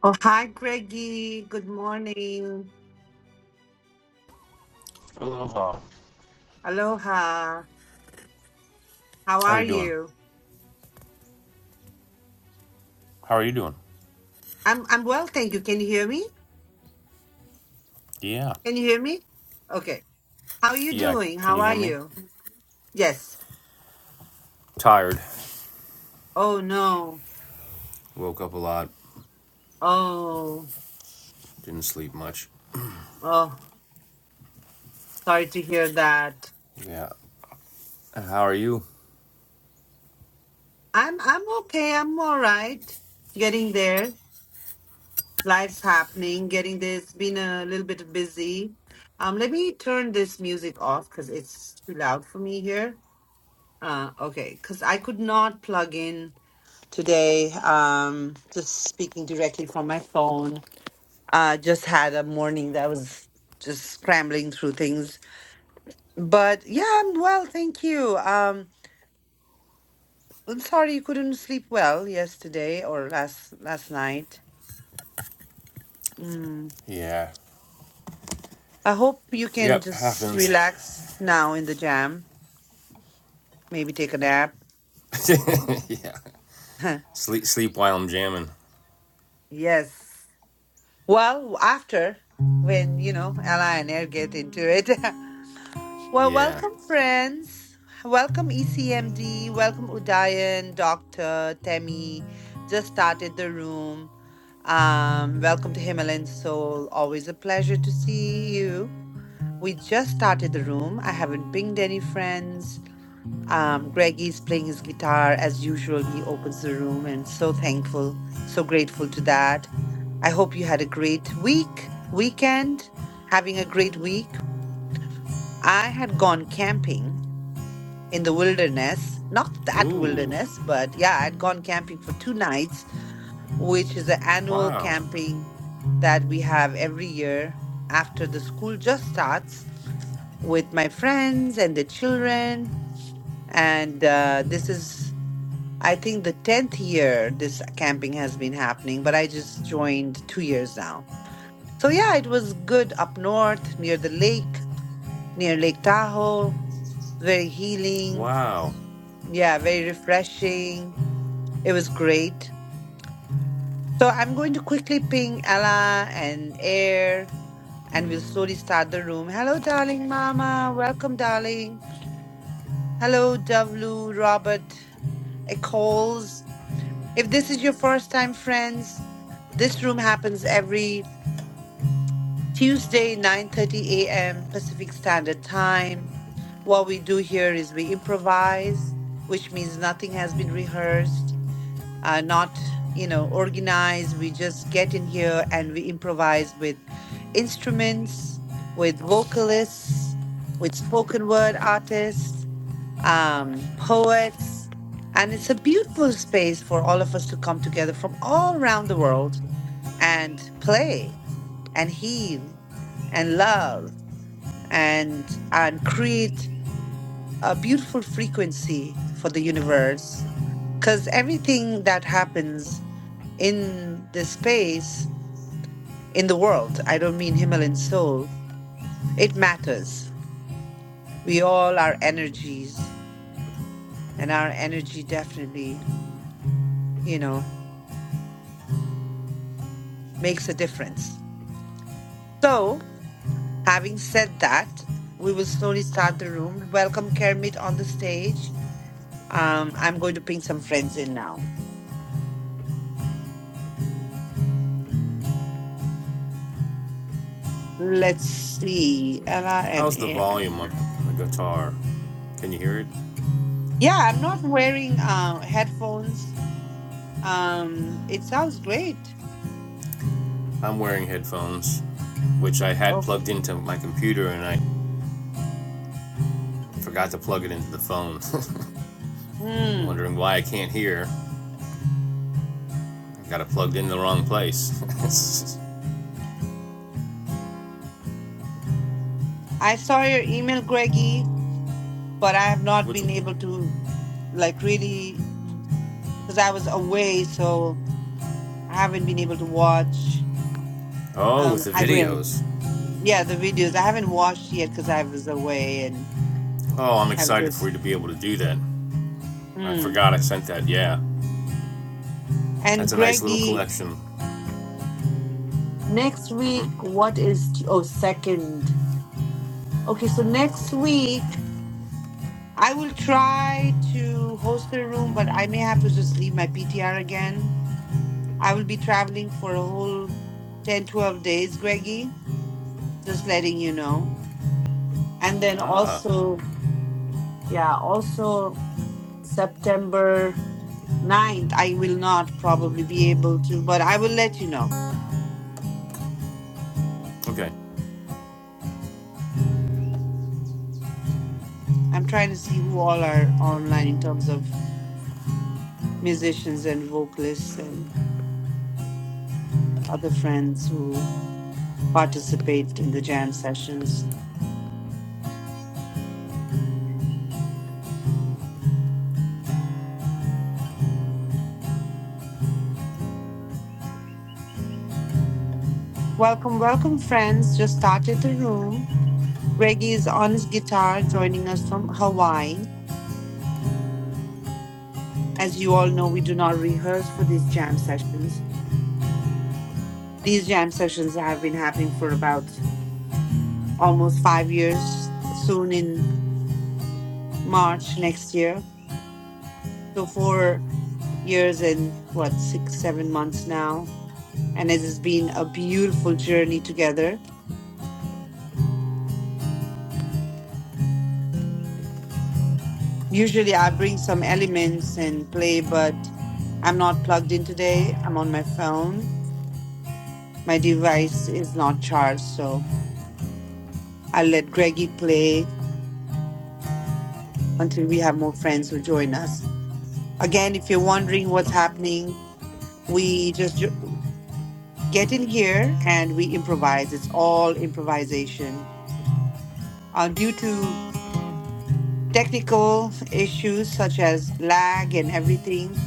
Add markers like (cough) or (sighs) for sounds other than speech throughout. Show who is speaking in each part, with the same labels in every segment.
Speaker 1: Oh, hi, Greggy. Good morning.
Speaker 2: Aloha.
Speaker 1: Aloha. How
Speaker 2: How are
Speaker 1: are
Speaker 2: you doing?
Speaker 1: you?
Speaker 2: How are you doing?
Speaker 1: I'm I'm well, thank you. Can you hear me?
Speaker 2: Yeah.
Speaker 1: Can you hear me? Okay. How are you
Speaker 2: Yeah.
Speaker 1: doing?
Speaker 2: Can
Speaker 1: How
Speaker 2: you
Speaker 1: are
Speaker 2: hear me?
Speaker 1: you? Yes.
Speaker 2: Tired.
Speaker 1: Oh no.
Speaker 2: Woke up a lot.
Speaker 1: Oh.
Speaker 2: Didn't sleep much.
Speaker 1: Oh, sorry to hear that.
Speaker 2: Yeah. How are you?
Speaker 1: I'm I'm okay. I'm all right. Getting there. Life's happening, getting this, been a little bit busy. Um, let me turn this music off because it's too loud for me here. Uh, okay, because I could not plug in today. Um, just speaking directly from my phone. Uh, just had a morning that was just scrambling through things. But yeah, I'm well, thank you. Um, I'm sorry you couldn't sleep well yesterday or last last night. Hmm.
Speaker 2: Yeah.
Speaker 1: I hope you can
Speaker 2: Yep.
Speaker 1: just
Speaker 2: Happens.
Speaker 1: relax now in the jam. Maybe take a nap.
Speaker 2: (laughs) yeah.
Speaker 1: (laughs)
Speaker 2: Sleep. Sleep while I'm jamming.
Speaker 1: yes. Well, after when you know Ella and Air get into it. (laughs) well,
Speaker 2: Yeah.
Speaker 1: welcome friends. Welcome ECMD. Welcome Udayan, Doctor Temi. Just started the room. Um, welcome to Himalayan Soul. Always a pleasure to see you. We just started the room. I haven't pinged any friends. Um, Greg is playing his guitar as usual. He opens the room and so thankful, so grateful to that. I hope you had a great week, weekend, having a great week. I had gone camping in the wilderness, not that
Speaker 2: Ooh.
Speaker 1: wilderness, but yeah, I'd gone camping for two nights, which is an annual
Speaker 2: Wow.
Speaker 1: camping that we have every year after the school just starts with my friends and the children. And uh, this is I think the 10th year this camping has been happening, but I just joined two years now. So, yeah, it was good up north near the lake, near Lake Tahoe. Very healing.
Speaker 2: Wow.
Speaker 1: Yeah, very refreshing. It was great. So, I'm going to quickly ping Ella and Air, and we'll slowly start the room. Hello, darling mama. Welcome, darling. Hello, W. Robert Eccles. If this is your first time, friends, this room happens every Tuesday, 9:30 a.m. Pacific Standard Time. What we do here is we improvise, which means nothing has been rehearsed, uh, not you know organized. We just get in here and we improvise with instruments, with vocalists, with spoken word artists, um, poets, and it's a beautiful space for all of us to come together from all around the world and play and heal and love and and create a beautiful frequency for the universe because everything that happens in the space in the world i don't mean himalayan soul it matters we all are energies and our energy definitely you know makes a difference so having said that we will slowly start the room welcome kermit on the stage um, i'm going to bring some friends in now Let's see. Ella and
Speaker 2: How's the
Speaker 1: Aaron.
Speaker 2: volume of the guitar? Can you hear it?
Speaker 1: Yeah, I'm not wearing uh headphones. Um, it sounds great.
Speaker 2: I'm wearing headphones, which I had
Speaker 1: Okay.
Speaker 2: plugged into my computer and I forgot to plug it into the phone. (laughs) I'm
Speaker 1: Mm.
Speaker 2: wondering why I can't hear. Got it plugged into the wrong place. (laughs)
Speaker 1: I saw your email, Greggy, but I have not
Speaker 2: Which?
Speaker 1: been able
Speaker 2: one?
Speaker 1: to like really because I was away, so I haven't been able to watch.
Speaker 2: Oh, with
Speaker 1: Um,
Speaker 2: the
Speaker 1: I will.
Speaker 2: videos.
Speaker 1: Yeah, the videos I haven't watched yet because I was away and
Speaker 2: Oh, I'm
Speaker 1: I've
Speaker 2: excited for
Speaker 1: just.
Speaker 2: you to be able to do that. I
Speaker 1: Mm.
Speaker 2: forgot I sent that. Yeah,
Speaker 1: And
Speaker 2: that's a nice little
Speaker 1: Greggy,
Speaker 2: collection.
Speaker 1: next week, what is t- oh second? Okay, so next week I will try to host a room, but I may have to just leave my PTR again. I will be traveling for a whole 10, 12 days, Greggy, just letting you know. And then
Speaker 2: Ah,
Speaker 1: also, yeah, also September ninth, I will not probably be able to, but I will let you know.
Speaker 2: okay.
Speaker 1: I'm trying to see who all are online in terms of musicians and vocalists and other friends who participate in the jam sessions. Welcome, welcome, friends. Just started the room. Reggie is on his guitar joining us from Hawaii. As you all know, we do not rehearse for these jam sessions. These jam sessions have been happening for about almost five years, soon in March next year. So, four years and what, six, seven months now. And it has been a beautiful journey together. Usually, I bring some elements and play, but I'm not plugged in today. I'm on my phone My device is not charged, so I'll let Greggy play until we have more friends who join us. Again, if you're wondering what's happening, we just jo- get in here and we improvise. It's all improvisation. Uh, due to technical issues such as lag and everything,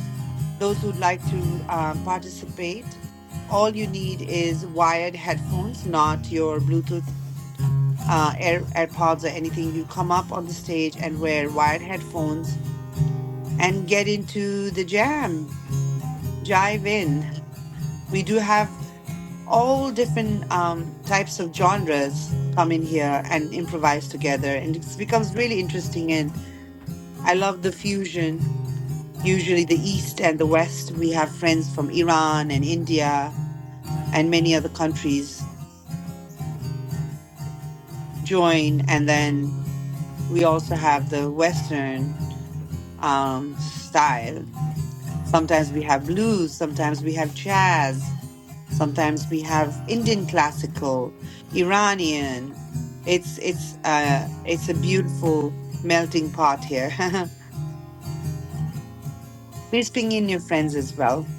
Speaker 1: those who'd like to um, participate, all you need is wired headphones, not your Bluetooth uh, Air, AirPods or anything, you come up on the stage and wear wired headphones and get into the jam, jive in. We do have all different um, types of genres come in here and improvise together, and it becomes really interesting. And I love the fusion. Usually, the East and the West, we have friends from Iran and India and many other countries join, and then we also have the Western um, style Sometimes we have blues, sometimes we have jazz, sometimes we have Indian classical, Iranian. It's it's uh it's a beautiful melting pot here. (laughs) Please ping in your friends as well.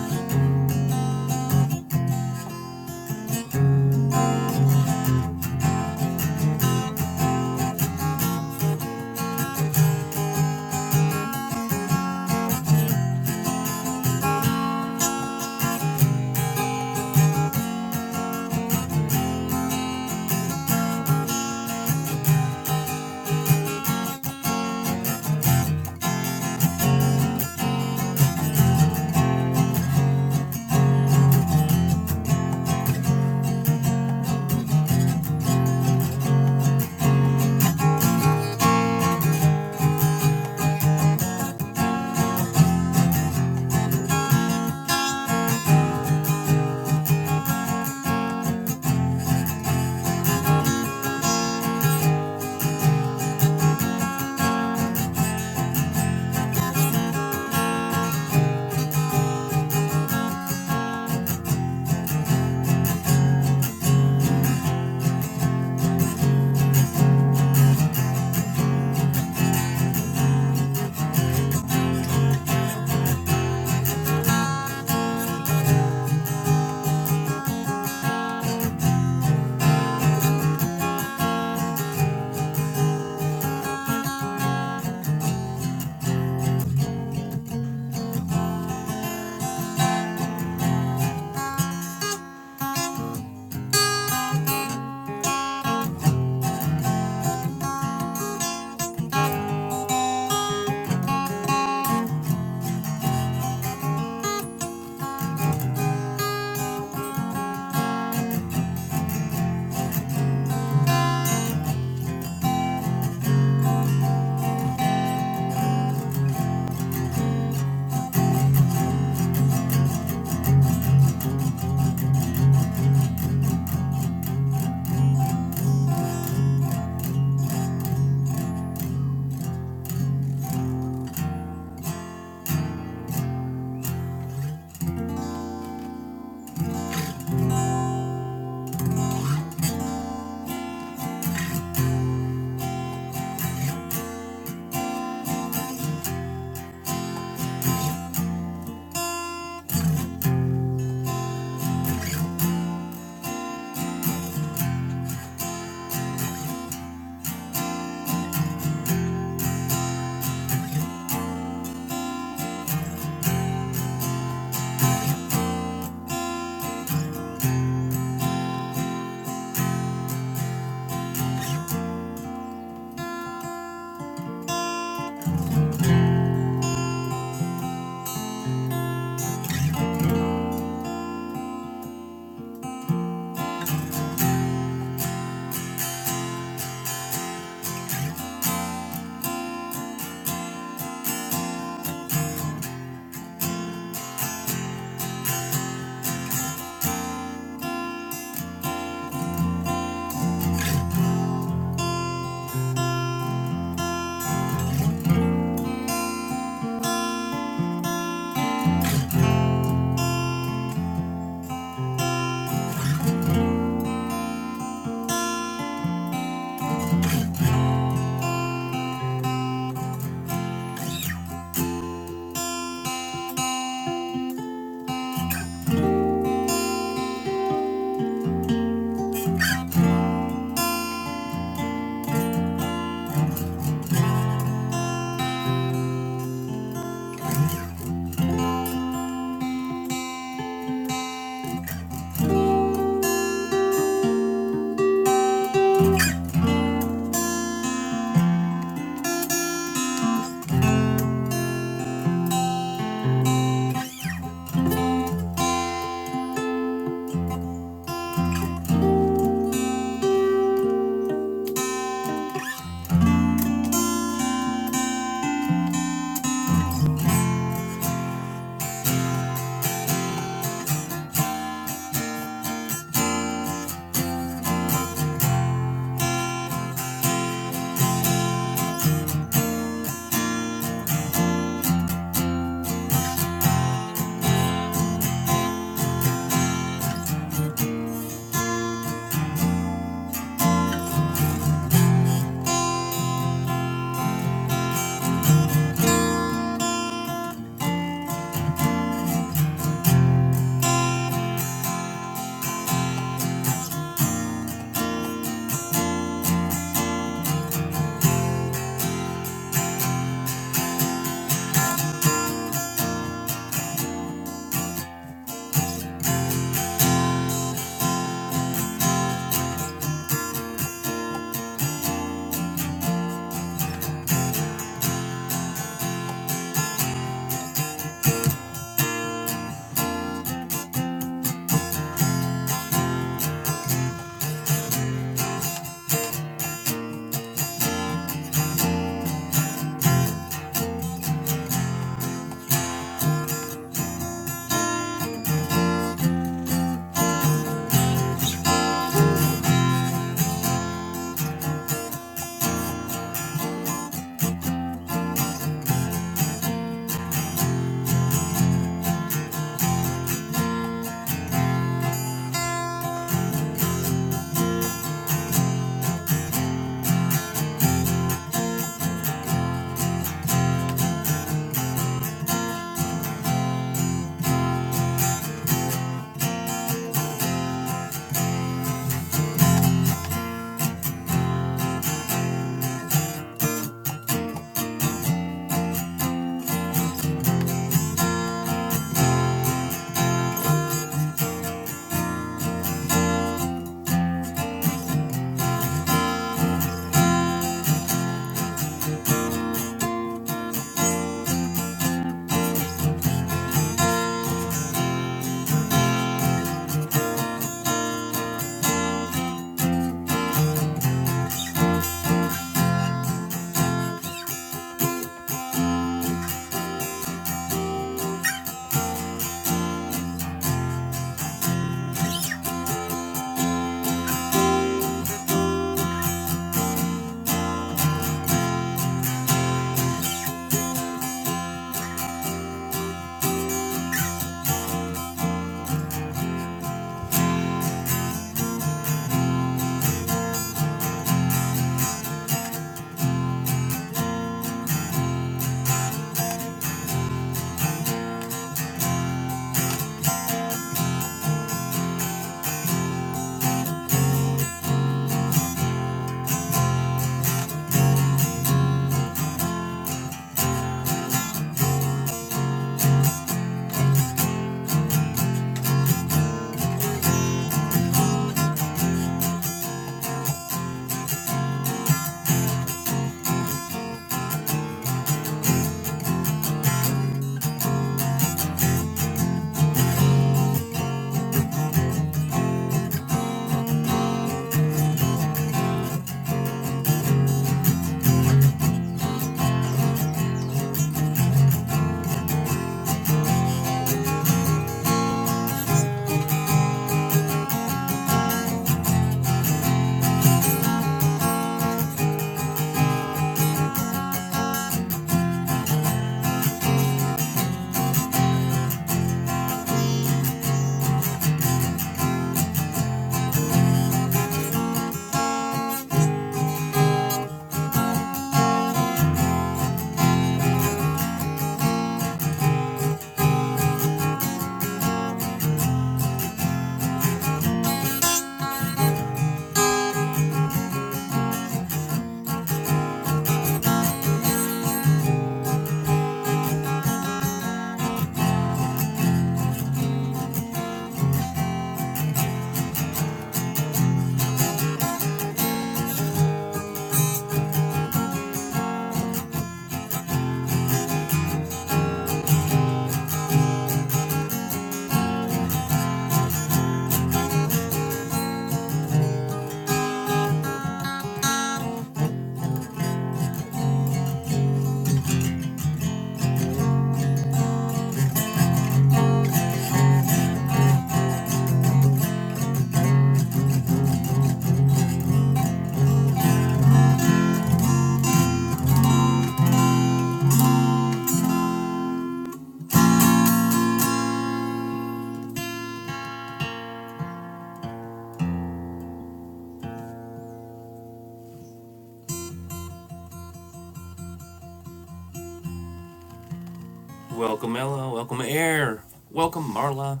Speaker 2: Welcome, Ella. Welcome, Air. Welcome, Marla.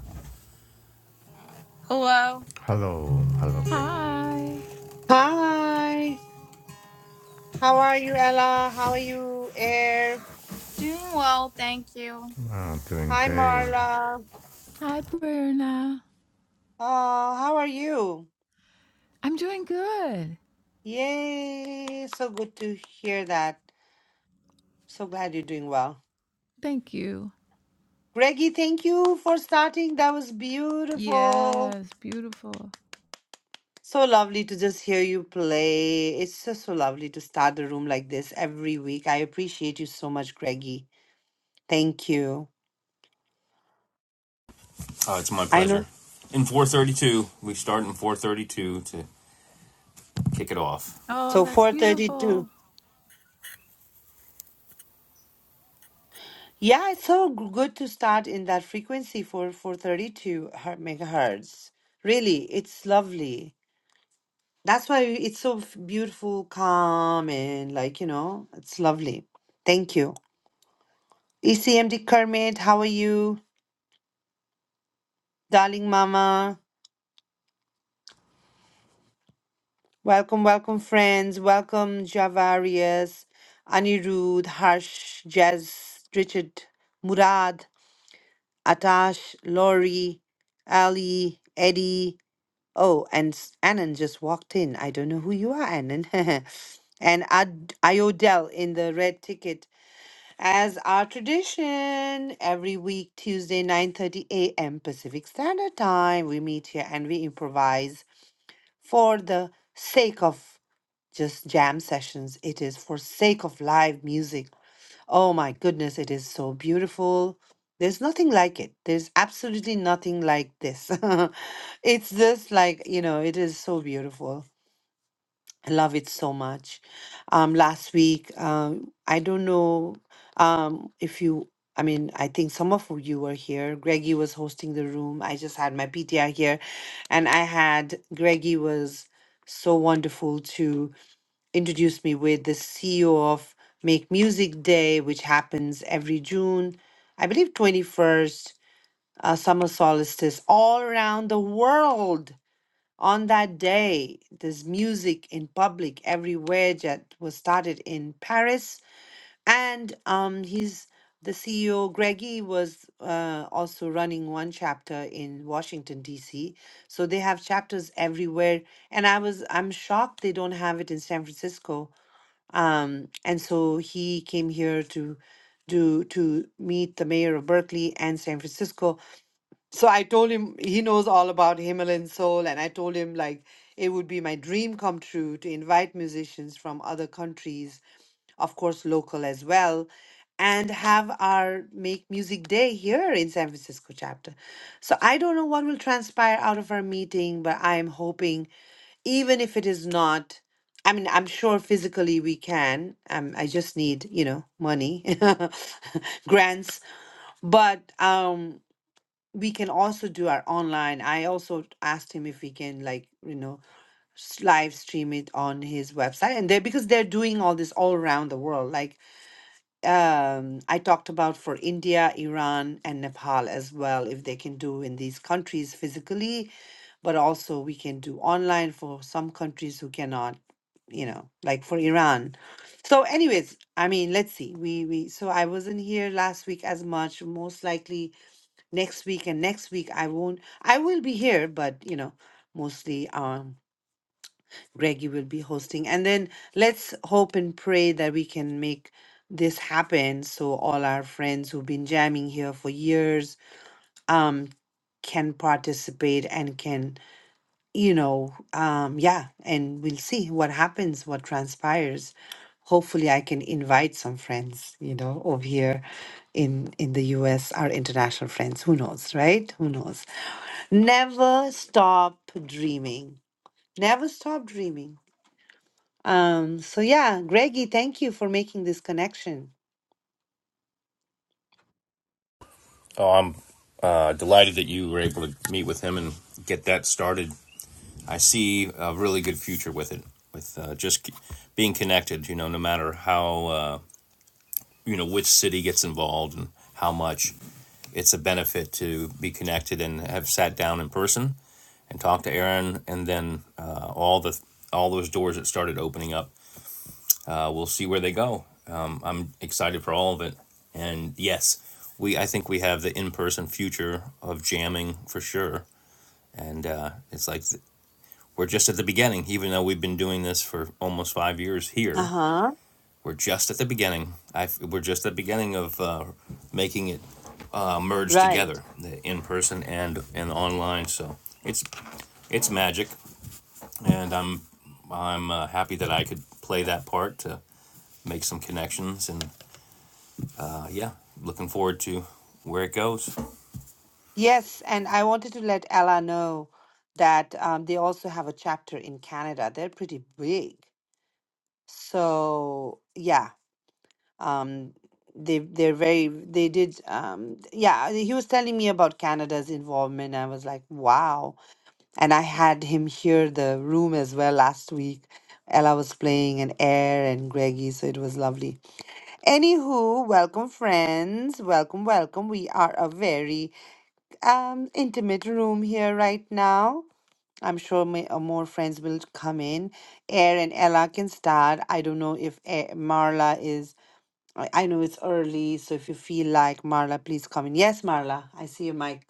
Speaker 3: Hello, hello, Greg.
Speaker 4: Hi.
Speaker 1: Hi. How are you, Ella? How are you, Air?
Speaker 3: I'm doing
Speaker 1: Hi,
Speaker 3: great.
Speaker 1: Marla.
Speaker 4: Hi, Prerna.
Speaker 1: Oh, how are you?
Speaker 4: I'm doing good.
Speaker 1: Yay. So good to hear that. So glad you're doing well.
Speaker 4: Thank you.
Speaker 1: Greggy, thank you for starting. That was beautiful.
Speaker 4: Yes, beautiful.
Speaker 1: So lovely to just hear you play. It's just so lovely to start the room like this every week. I appreciate you so much, Greggy. Thank you.
Speaker 2: Oh, it's my
Speaker 1: I know.
Speaker 2: pleasure. In 4:32, we start in 4:32 to kick it off.
Speaker 4: Oh,
Speaker 1: So
Speaker 4: that's
Speaker 1: 432.
Speaker 4: beautiful.
Speaker 1: Yeah, it's so g- good to start in that frequency for 432 her- megahertz. Really, it's lovely. That's why it's so f- beautiful, calm, and like, you know, it's lovely. Thank you. ECMD Kermit, how are you? Darling Mama, welcome, welcome, friends. Welcome, Javarius, Anirudh, Harsh, Jazz, Richard, Murad, Atash, Lori, Ali, Eddie. Oh, and s- Annan just walked in. I don't know who you are, Annan. (laughs) and Ad- Iodel in the red ticket, as our tradition, every week Tuesday, 9:30 a.m. Pacific Standard Time, we meet here and we improvise for the sake of just jam sessions. It is for sake of live music Oh my goodness, it is so beautiful. There's nothing like it. There's absolutely nothing like this. (laughs) It's just like, you know, it is so beautiful. I love it so much. Um, last week, um, I don't know um, if you, I mean, I think some of you were here. Greggy was hosting the room. I just had my PTI here, and I had Greggy was so wonderful too introduced me with the CEO of Make Music Day, which happens every June, I believe 21st, uh, summer solstice, all around the world. On that day, there's music in public everywhere that was started in Paris. And um, he's the CEO, Greggy, was uh, also running one chapter in Washington, D.C. So they have chapters everywhere. And I was, I'm shocked they don't have it in San Francisco um, and so he came here to do to meet the mayor of Berkeley and San Francisco. So I told him he knows all about Himalayan soul, and I told him like it would be my dream come true to invite musicians from other countries, of course local as well, and have our Make Music Day here in San Francisco chapter. So I don't know what will transpire out of our meeting, but I am hoping even if it is not i mean i'm sure physically we can um, i just need you know money (laughs) grants but um we can also do our online i also asked him if we can like you know s- live stream it on his website and they because they're doing all this all around the world like um i talked about for india iran and nepal as well if they can do in these countries physically but also we can do online for some countries who cannot you know like for iran so anyways i mean let's see we we so i wasn't here last week as much most likely next week and next week i won't i will be here but you know mostly um greggy will be hosting and then let's hope and pray that we can make this happen so all our friends who've been jamming here for years um can participate and can you know, um, yeah, and we'll see what happens, what transpires. Hopefully, I can invite some friends, you know, over here in in the US, our international friends. Who knows, right? Who knows? Never stop dreaming. Never stop dreaming. Um, so yeah, Greggy, thank you for making this connection.
Speaker 2: Oh, I'm uh, delighted that you were able to meet with him and get that started I see a really good future with it, with uh, just being connected. You know, no matter how uh, you know which city gets involved and how much, it's a benefit to be connected and have sat down in person and talked to Aaron, and then uh, all the all those doors that started opening up. Uh, we'll see where they go. Um, I'm excited for all of it, and yes, we I think we have the in person future of jamming for sure. And uh, it's like We're just at the beginning, even though we've been doing this for almost five years here.
Speaker 1: Uh-huh.
Speaker 2: We're just at the beginning. I've, we're just at the beginning of uh, making it uh, merge
Speaker 1: Right.
Speaker 2: together, the in person and and online. So it's it's magic, and I'm I'm uh, happy that I could play that part to make some connections, and uh, yeah, looking forward to where it goes.
Speaker 1: Yes, and I wanted to let Ella know that um, they also have a chapter in Canada. They're pretty big. So yeah, um, they they're very they did um yeah he was telling me about Canada's involvement. I was like wow, and I had him hear the room as well last week. Ella was playing and Air and Greggy, so it was lovely. Anywho, welcome friends, welcome, welcome. We are a very um intimate room here right now. I'm sure may, uh, more friends will come in. Air and Ella can start. I don't know if eh, Marla is. I I know it's early, so if you feel like Marla, please come in. Yes, Marla, I see you, Mike.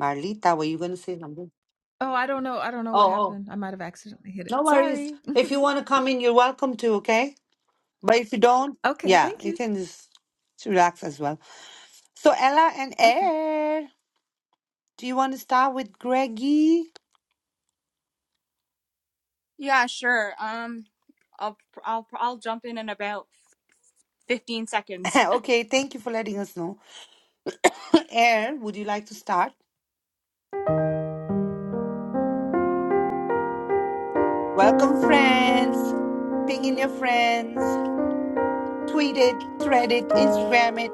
Speaker 1: Marlita, were you going to say something?
Speaker 4: Oh, I don't know. I don't know
Speaker 1: Oh,
Speaker 4: what
Speaker 1: oh,
Speaker 4: happened. I might have accidentally hit it.
Speaker 1: no worries.
Speaker 4: Sorry.
Speaker 1: If you want to come in, you're welcome to. Okay, but if you don't,
Speaker 4: (laughs) okay,
Speaker 1: yeah,
Speaker 4: thank
Speaker 1: you
Speaker 4: you.
Speaker 1: can just relax as well. So Ella and
Speaker 4: Okay.
Speaker 1: Air, do you want to start with Greggy? (laughs) okay, thank you for letting us know. (coughs) Air, would you like to start? Welcome, friends. Ping in your friends. Tweet it, thread it, Instagram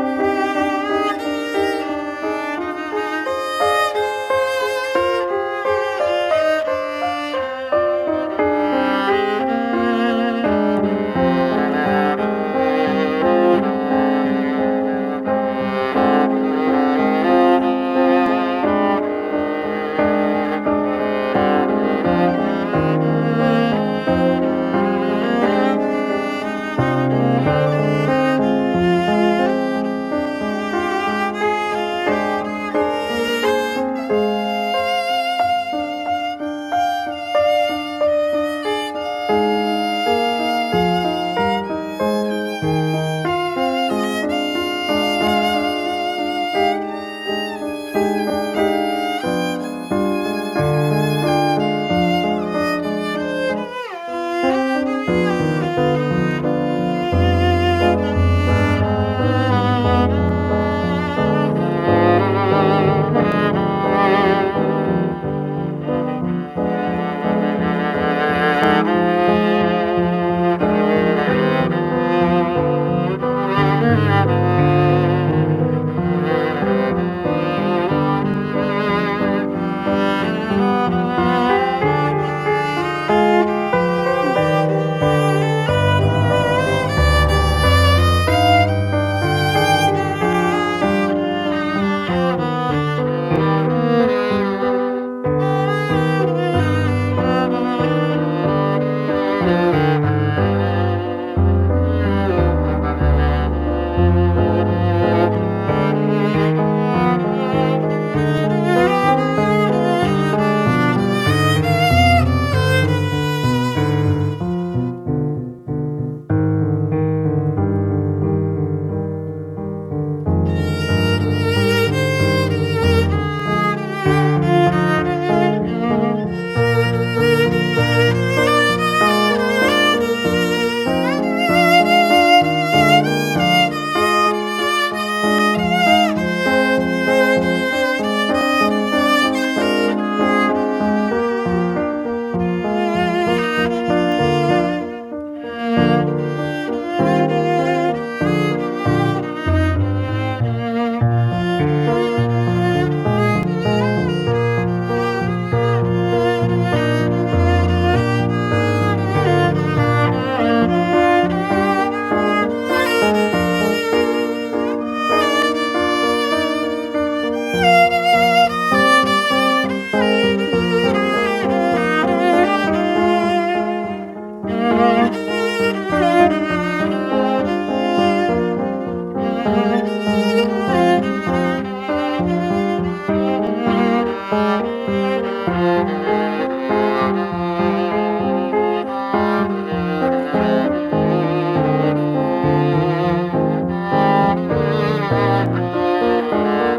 Speaker 5: Thank you. Thank you. Thank you. Thank you. Thank you.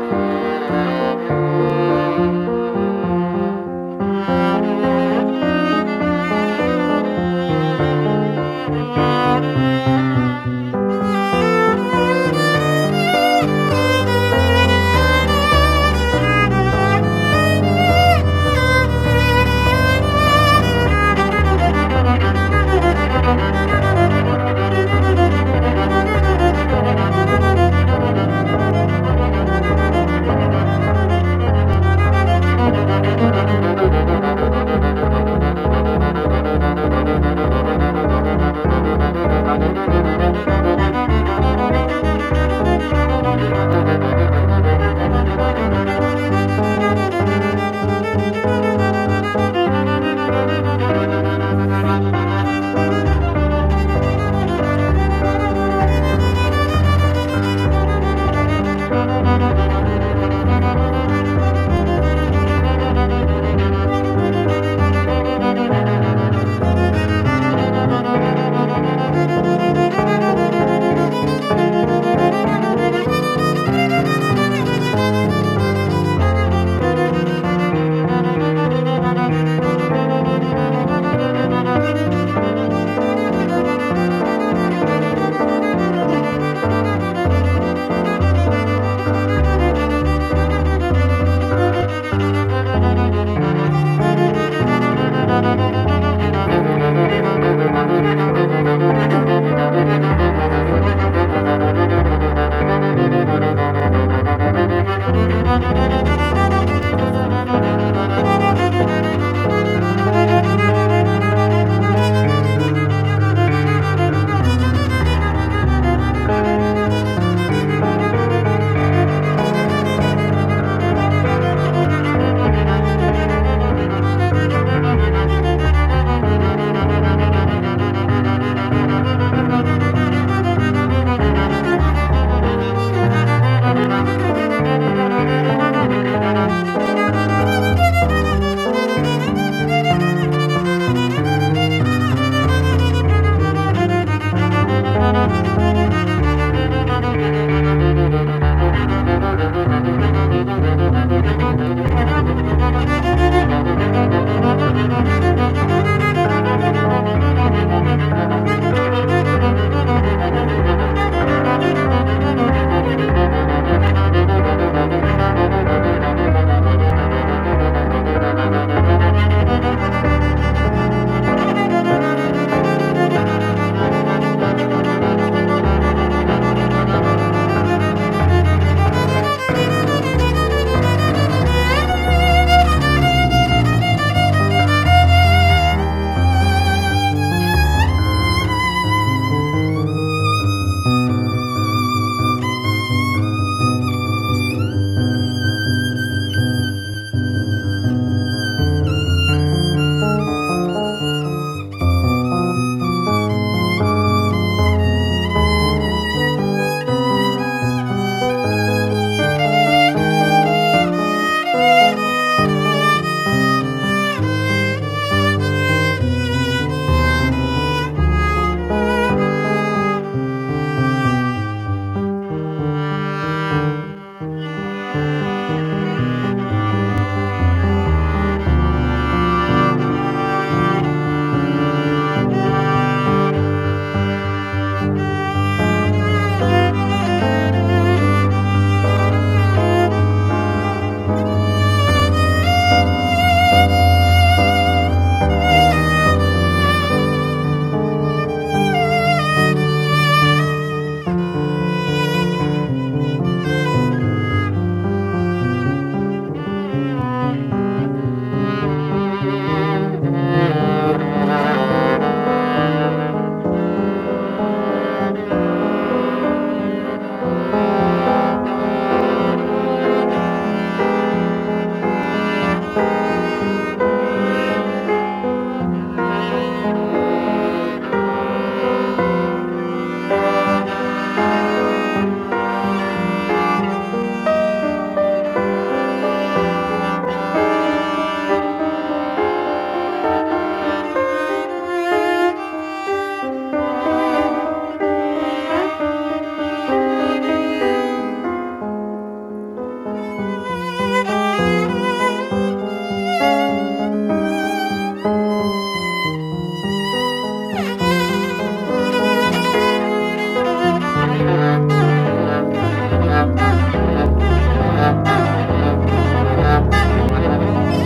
Speaker 5: Thank you. Thank you. (laughs) Thank you. (laughs) Thank you. (laughs) Thank you. (laughs) Thank you.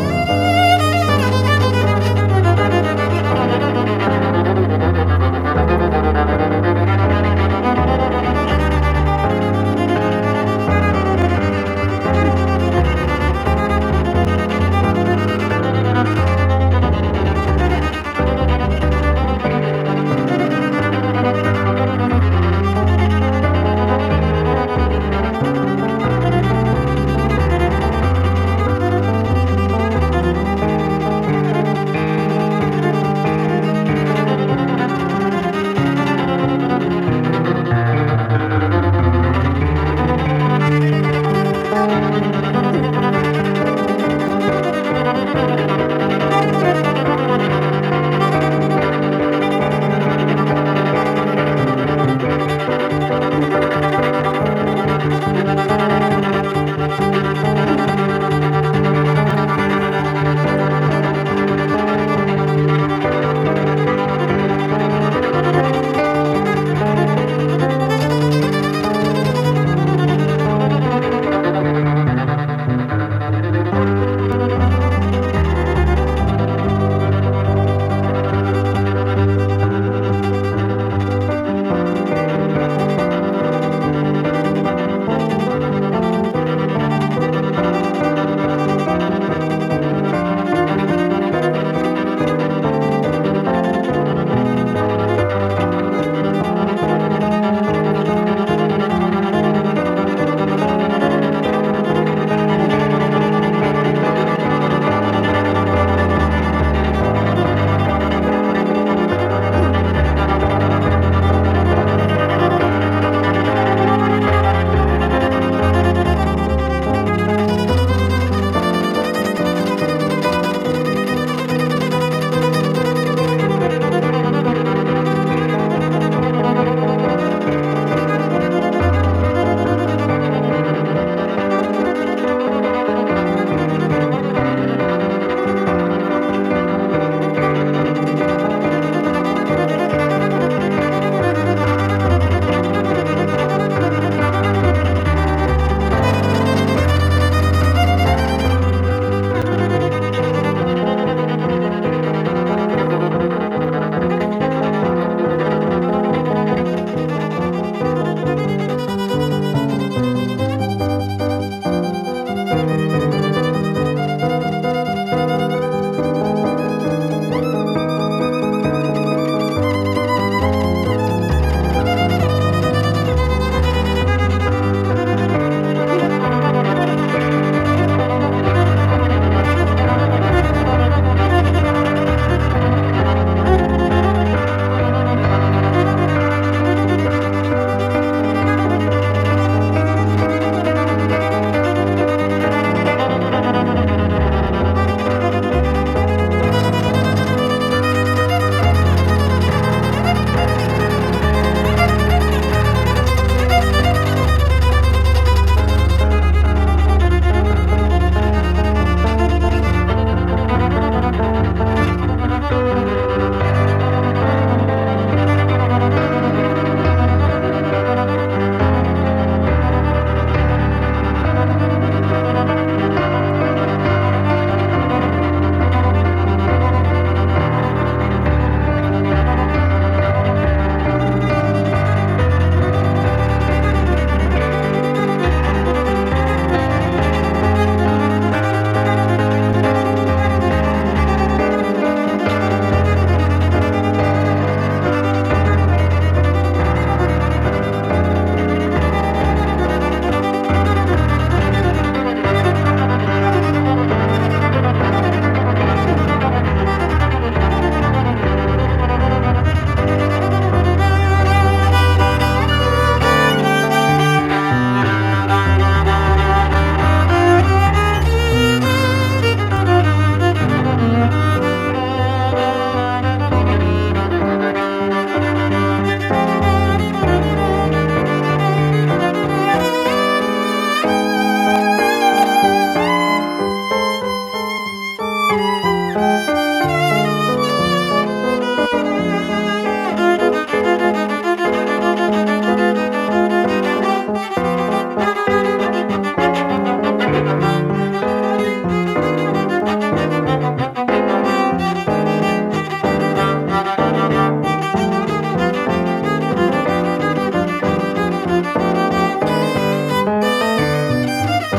Speaker 5: Thank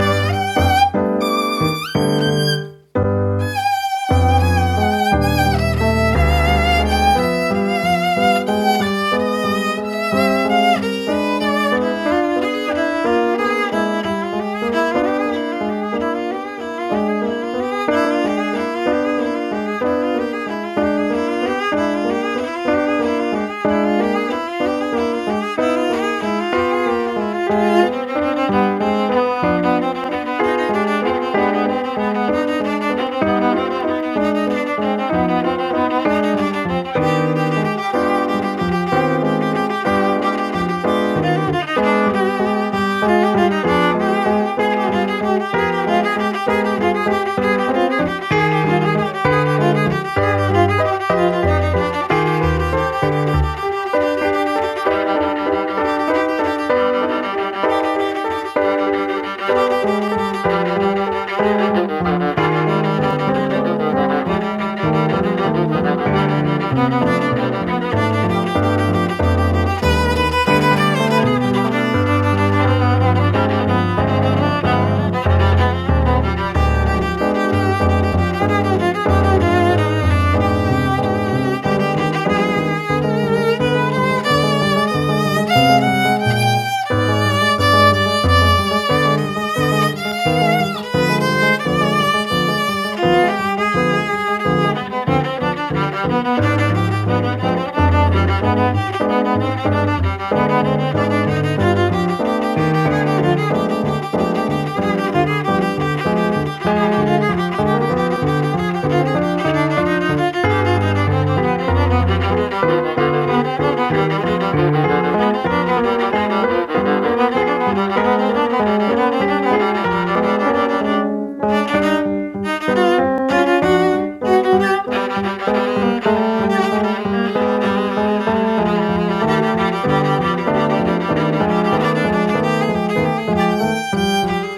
Speaker 5: you. (laughs) Thank you. Thank you.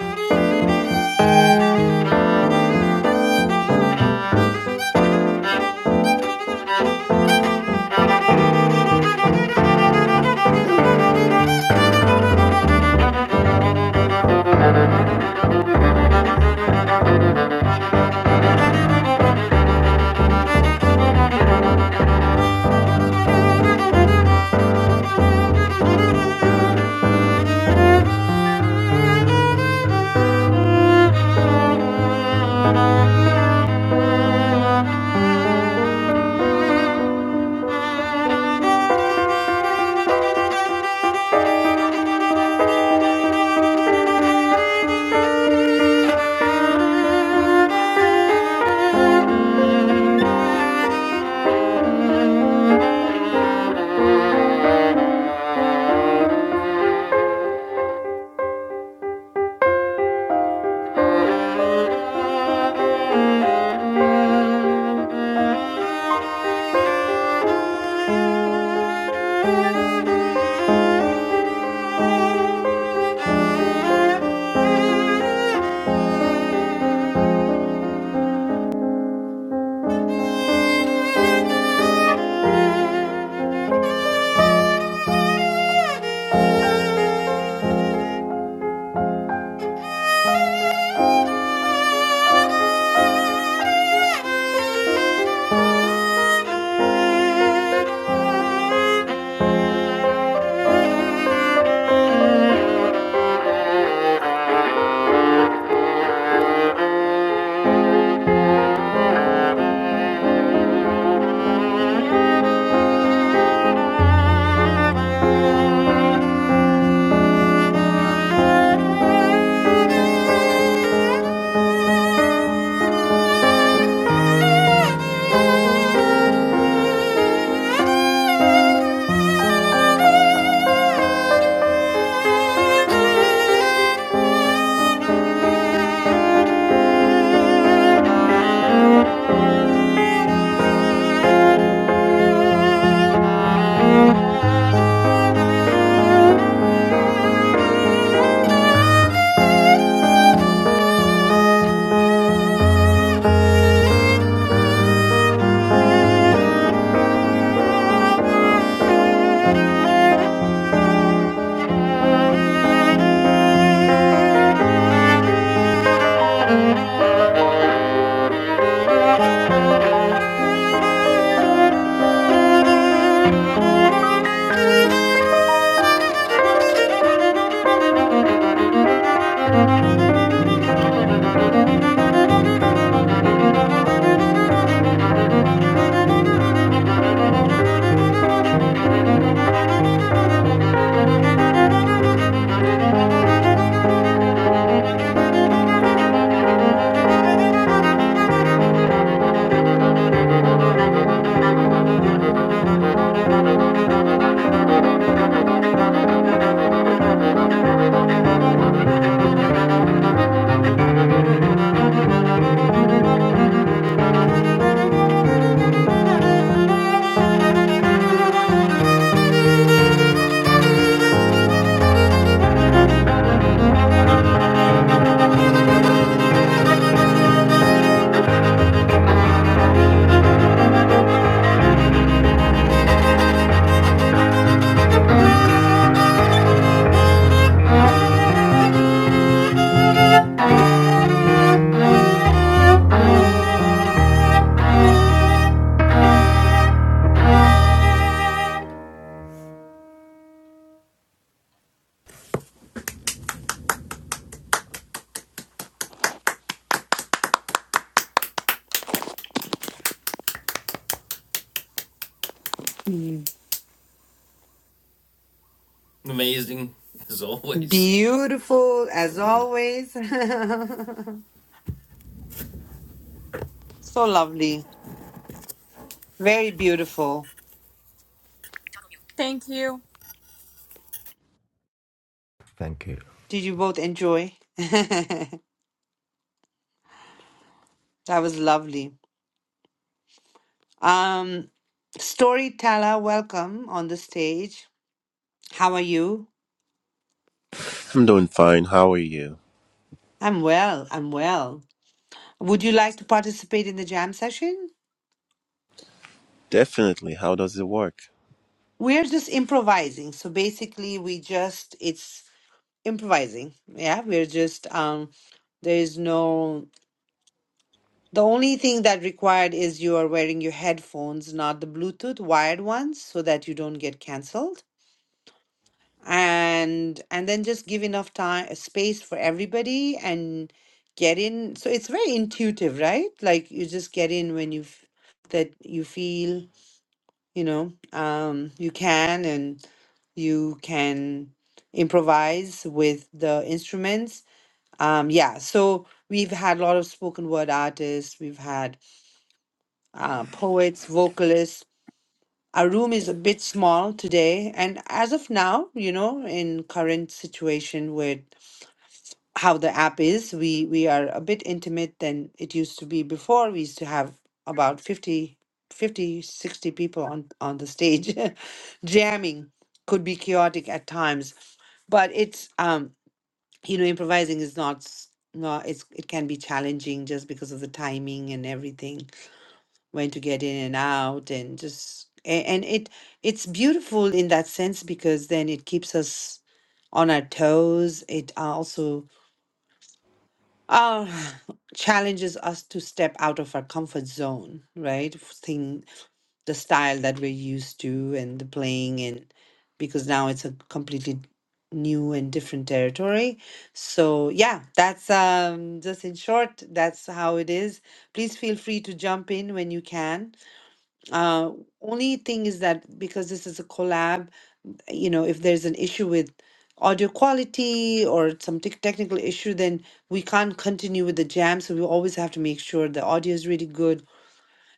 Speaker 5: Thank (laughs) you. Thank you. Thank you. Thank you. Thank you. Thank you. Thank you. Thank you. (laughs) Thank you.
Speaker 1: it.
Speaker 2: Amazing as always.
Speaker 1: Beautiful
Speaker 2: So
Speaker 1: as
Speaker 2: good.
Speaker 1: always. (laughs) so lovely. Very beautiful.
Speaker 3: Thank you.
Speaker 1: Did you both enjoy? (laughs) that was lovely. Um, storyteller, welcome on the stage. How are you?
Speaker 6: I'm doing fine. How are you?
Speaker 1: I'm well. I'm well. Would you like
Speaker 6: That's
Speaker 1: to participate in the jam session?
Speaker 6: definitely. How does it work?
Speaker 1: We're just improvising. So basically, we just, it's improvising. Yeah, we're just um there is no the only thing that required is you are wearing your headphones, not the Bluetooth wired ones, so that you don't get canceled. And and then just give enough time uh, space for everybody and get in. So it's very intuitive, right? Like you just get in when you f- that you feel, you know, um you can and you can improvise with the instruments Um, yeah, so we've had a lot of spoken word artists, we've had uh, poets, vocalists. Our room is a bit small today, and as of now, you know, in current situation with how the app is, we we are a bit intimate than it used to be before. We used to have about 50, 50, 60 people on on the stage. (laughs) Jamming could be chaotic at times, but it's um you know improvising is not s- not it's it can be challenging just because of the timing and everything when to get in and out and just a- and it it's beautiful in that sense because then it keeps us on our toes it also uh, (sighs) challenges us to step out of our comfort zone right Thing the style that we're used to and the playing and because now it's a completely new and different territory so yeah that's um just in short that's how it is please feel free to jump in when you can uh only thing is that because this is a collab you know if there's an issue with audio quality or some tech technical issue then we can't continue with the jam so we always have to make sure the audio is really good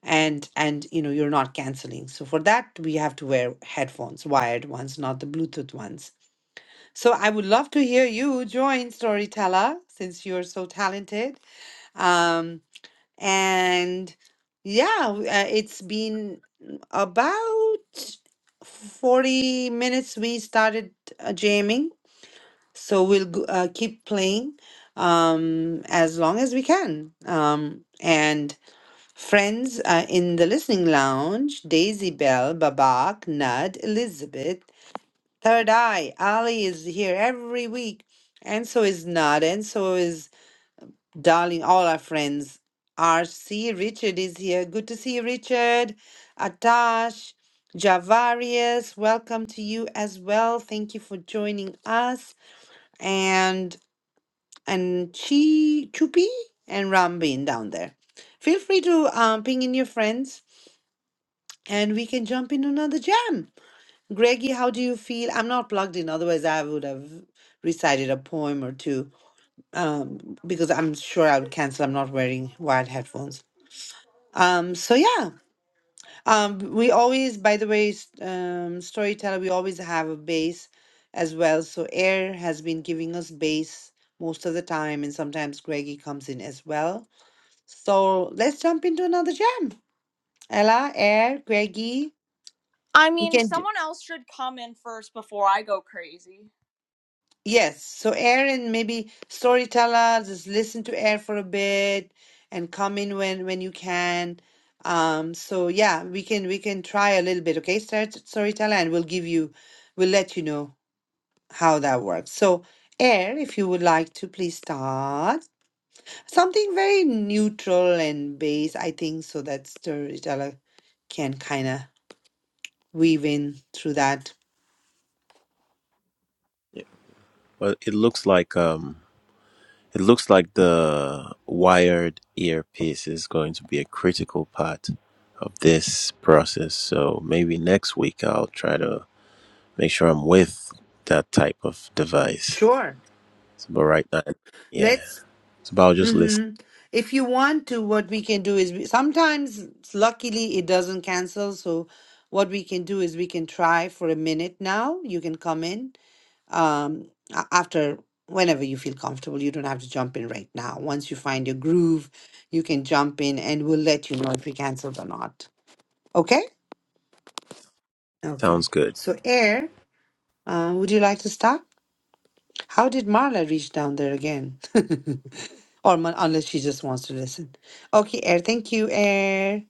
Speaker 1: and and you know you're not canceling so for that we have to wear headphones wired ones not the bluetooth ones so i would love to hear you join storyteller since you're so talented um and yeah w- uh, it's been about 40 minutes we started uh, jamming so we'll g- uh, keep playing um as long as we can um and Friends uh, in the listening lounge Daisy Bell, Babak, Nud, Elizabeth, Third Eye. Ali is here every week, and so is Nud, and so is Darling, all our friends. RC, Richard is here. Good to see you, Richard. Atash, Javarius, welcome to you as well. Thank you for joining us. And and Chi Chupi and Rambin down there. Feel free to um, ping in your friends and we can jump into another jam. Greggy, how do you feel? I'm not plugged in, otherwise, I would have recited a poem or two um, because I'm sure I would cancel. I'm not wearing wired headphones. Um, so, yeah, um, we always, by the way, s- um, Storyteller, we always have a bass as well. So, Air has been giving us bass most of the time, and sometimes Greggy comes in as well. So, let's jump into another jam. Ella, Air, Greggy. You can do. Yes, so air and maybe storyteller, just listen to air for a bit and come in when when you can. Um, so yeah, we can we can try a little bit, okay, start storyteller, and we'll give you we'll let you know how that works. So air, if you would like to please start something very neutral and base, I think, so that storyteller can kind of weave in through that.
Speaker 6: Well, it looks like um, it looks like the wired earpiece is going to be a critical part of this process. So maybe next week I'll try to make sure I'm with that type of device.
Speaker 1: Sure.
Speaker 6: So, but right now, yeah.
Speaker 1: let's.
Speaker 6: So, but I'll just listen.
Speaker 1: Mm-hmm. If you want to, what we can do is we, sometimes, luckily, it doesn't cancel. So, what we can do is we can try for a minute now. You can come in um, a- after whenever you feel comfortable. You don't have to jump in right now. Once you find your groove, you can jump in and we'll let you know if we canceled or not. Okay? Okay.
Speaker 6: Sounds good.
Speaker 1: So, Air, uh, would you like to start? How did Marla reach down there again? (laughs) or mon- unless she just wants to listen. Okay, Air. Thank you, Air.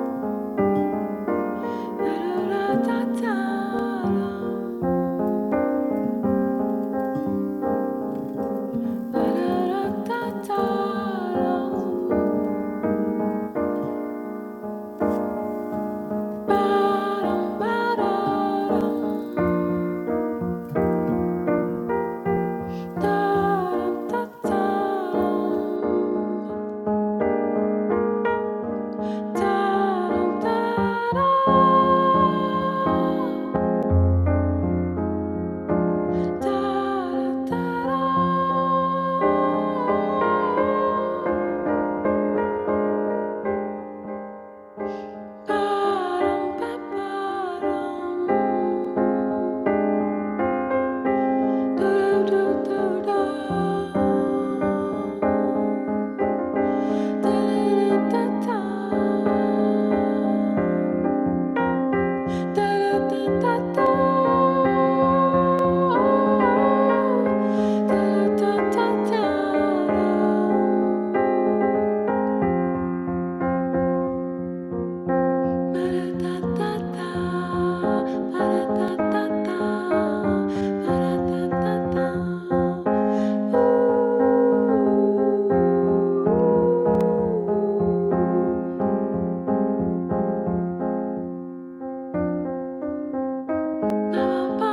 Speaker 4: (laughs) Ba-dum-ba-ba-dum. Da-da-da-da-da. Ooh. Ba-da-ba-ba.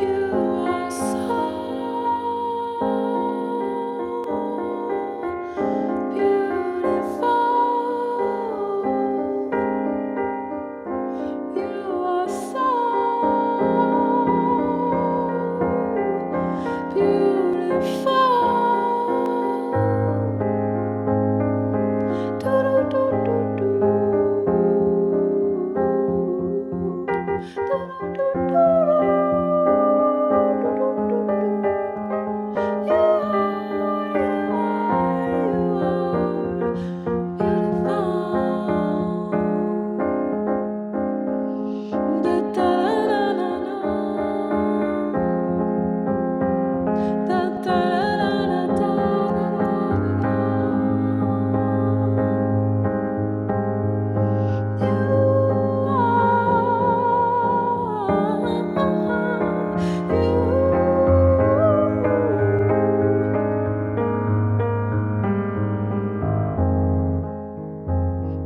Speaker 4: You are so beautiful. You are so beautiful. Do-do-do-do-do. Do-do-do-do-do. do do do. Do, do, do, do, do, do, do, do. You are, you are, you are beautiful. Da da da da da. Da da da da da da da da. You you are you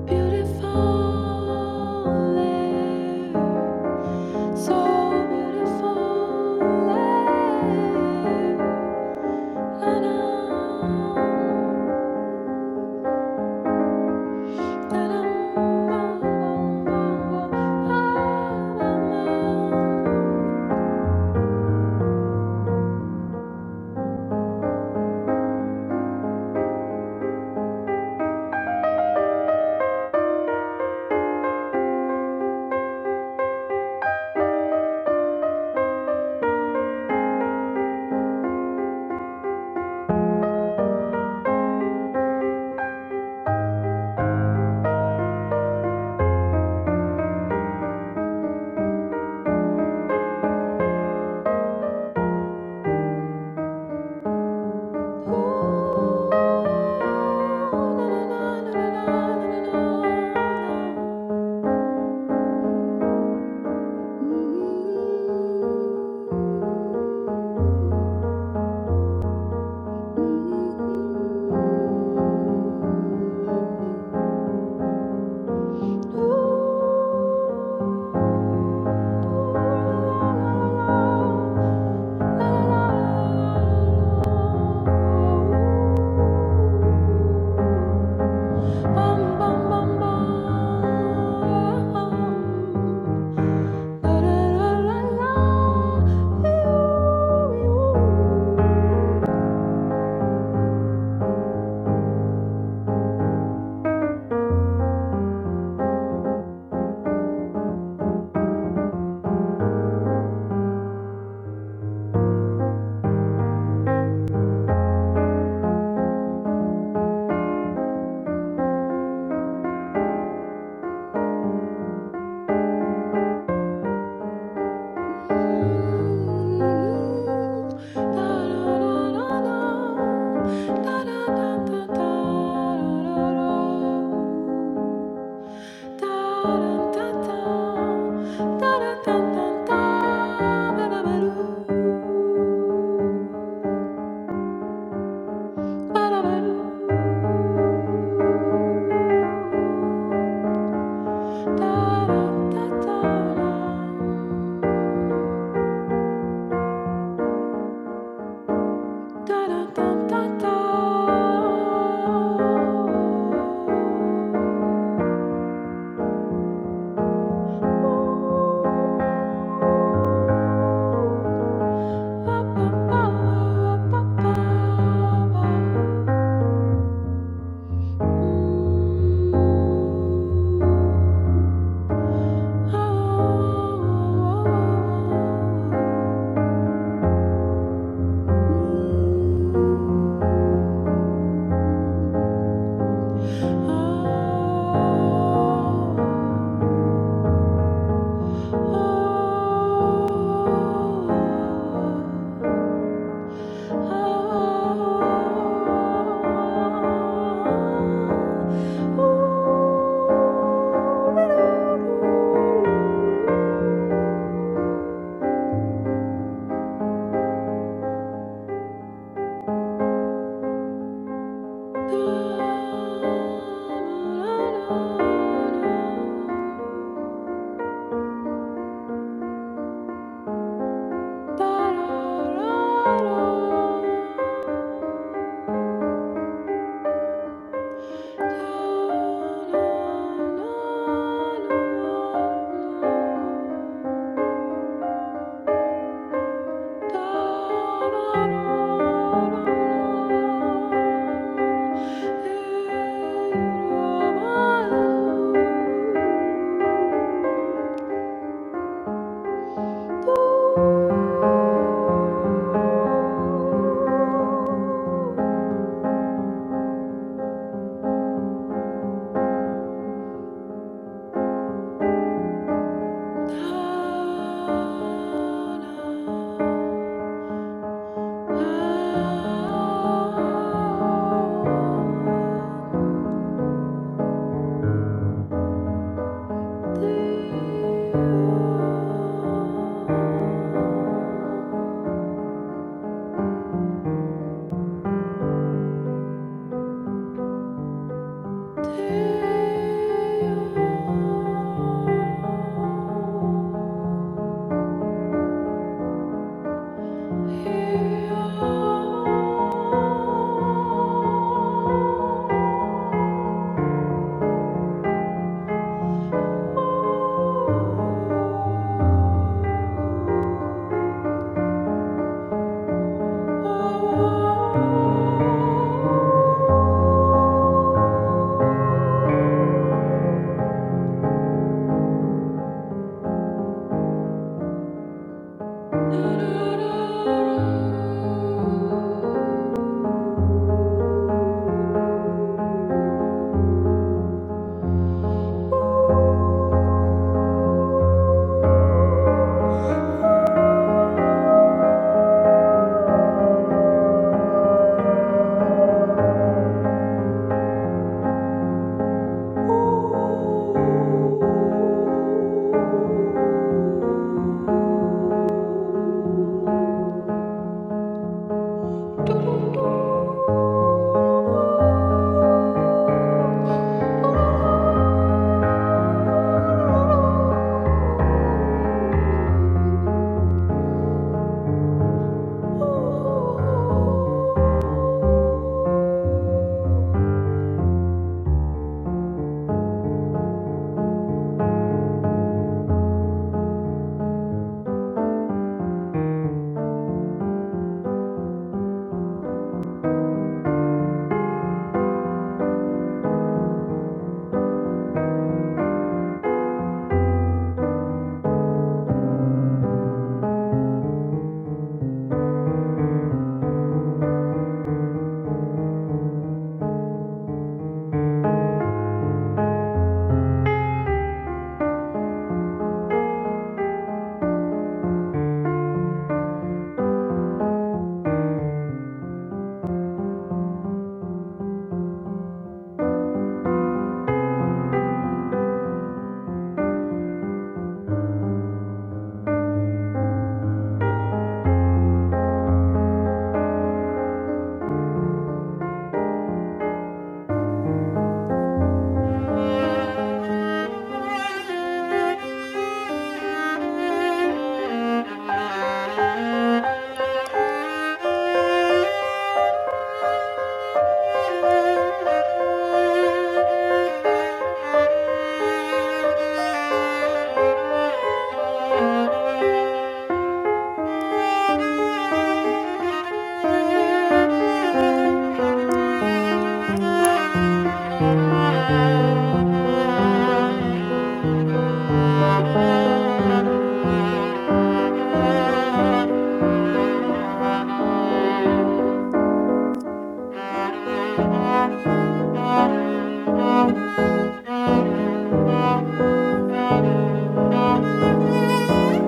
Speaker 4: Beautiful air, so beautiful air. Mm-hmm. Bum, bum, bum, bum. Da, da, da, la, la. Ew, ew. Da-da-da-da-da. Da-da-da-da-da. Ba-ba-ba-ba-ba-ba. Mm. Oh, oh, oh, oh, oh. Mm. Oh. Da-da-da-da. Ta-da. Oh Thank you.
Speaker 5: Thank Thank you.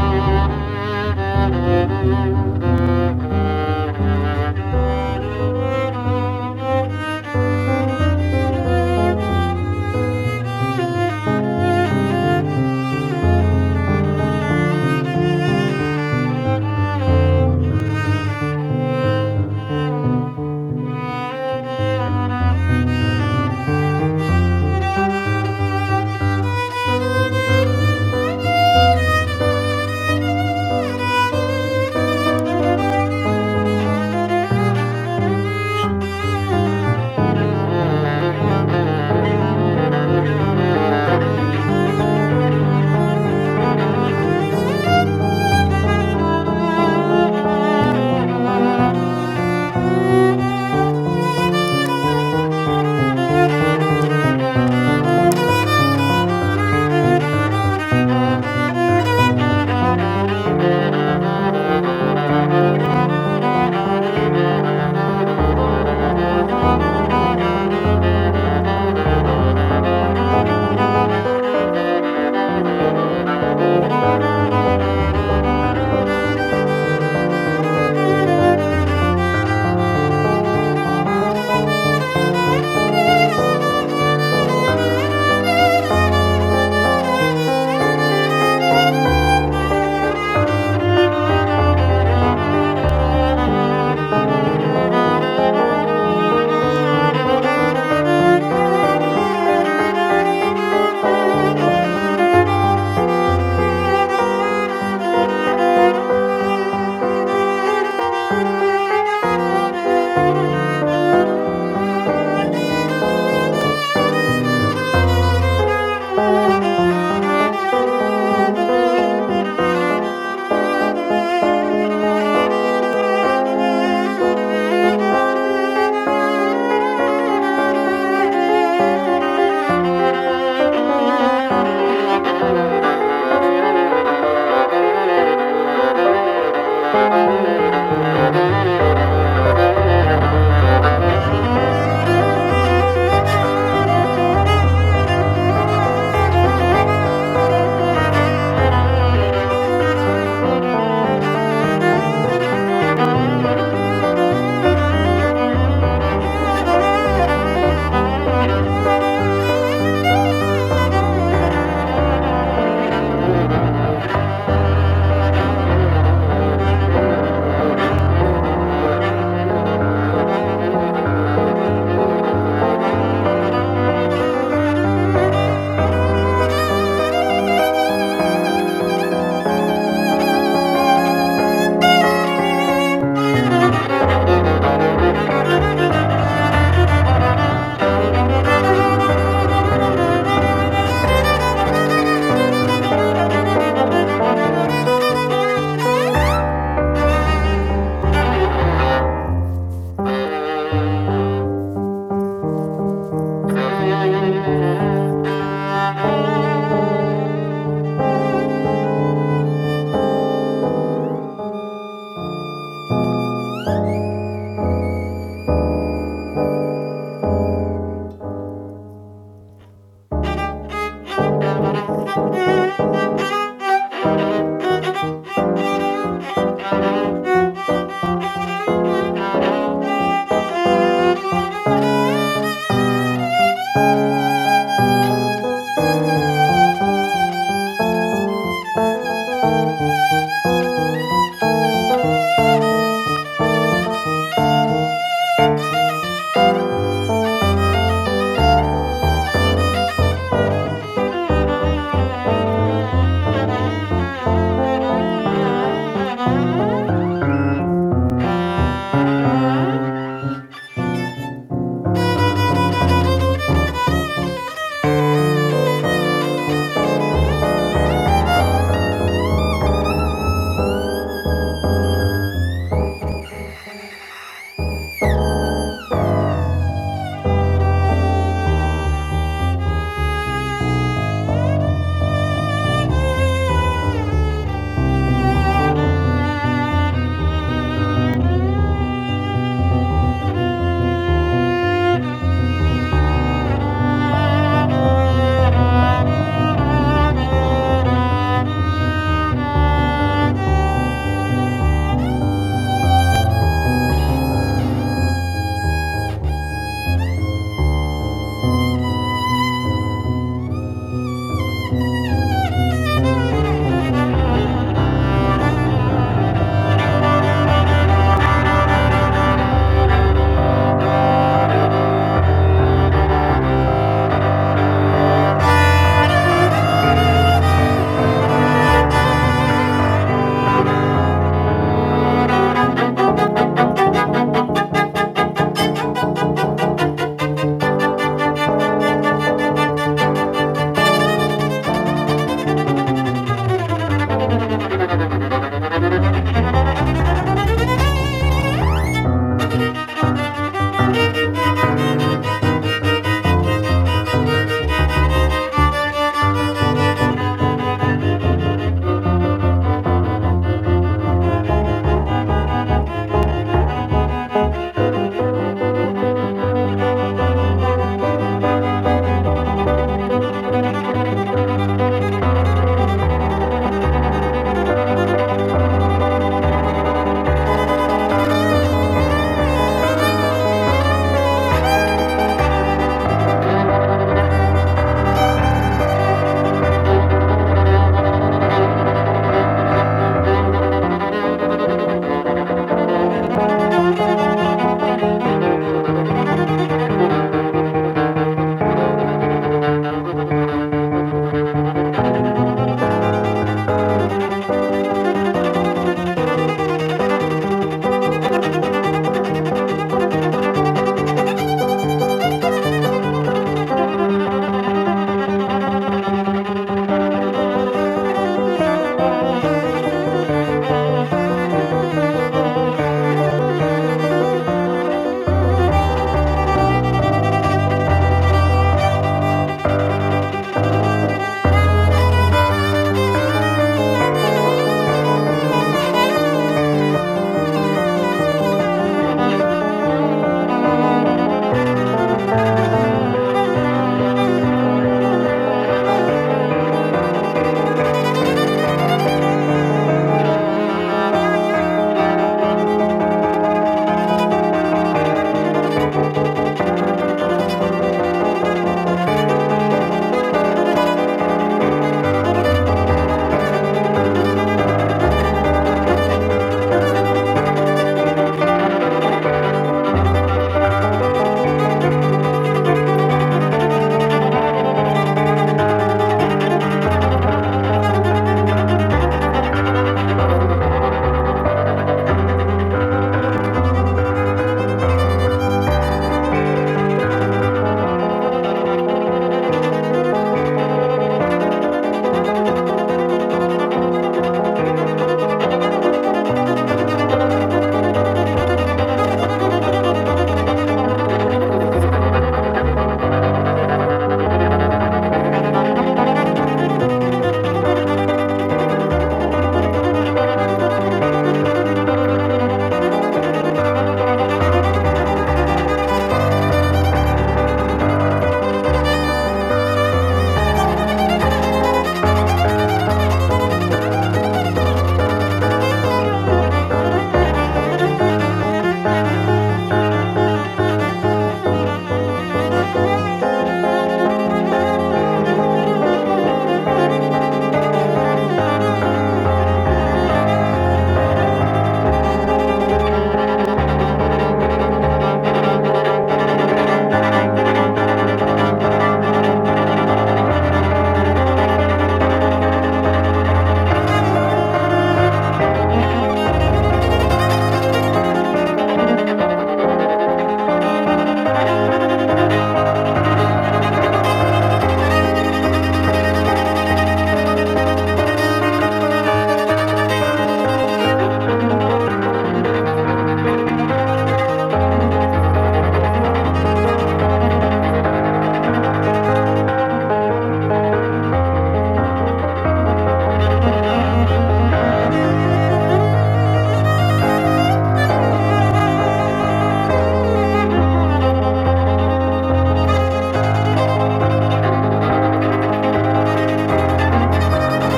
Speaker 5: Thank you. Thank you. Thank you. Thank you. Thank you. Thank you. Thank you. Thank you. Thank you. Thank you. (laughs) Thank you. Thank you.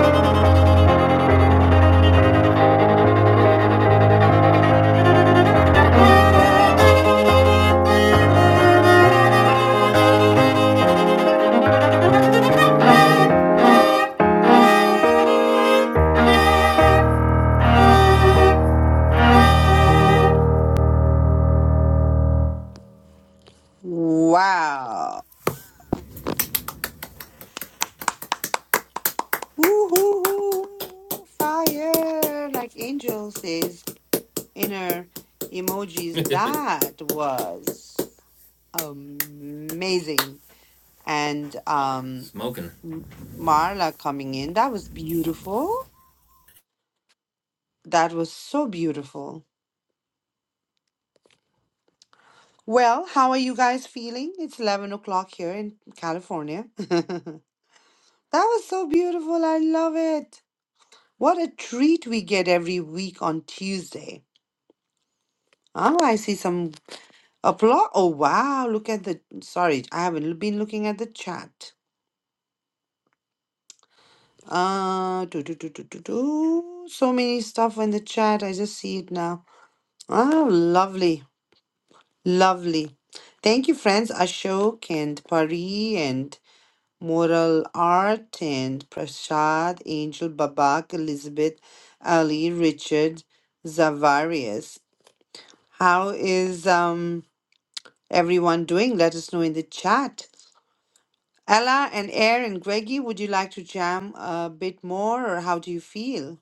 Speaker 5: Thank you. Thank you.
Speaker 1: Wow. Woo-hoo-hoo. Fire. Like Angel says in her emojis. That was amazing. And um, M- Marla coming in. That was beautiful. That was so beautiful. Well, how are you guys feeling? It's 11 o'clock here in California. (laughs) that was so beautiful. I love it. What a treat we get every week on Tuesday. Oh, I see some applause. Oh, wow. Look at the. Sorry, I haven't been looking at the chat. Uh, do, do, do, do, do, do. So many stuff in the chat. I just see it now. Oh, lovely. Lovely. Thank you, friends. Ashok and Pari and Mural Art and Prashad, Angel Babak, Elizabeth, Ali, Richard, Zavarius. How is um, everyone doing? Let us know in the chat. Ella and Aaron, Greggy, would you like to jam a bit more or how do you feel?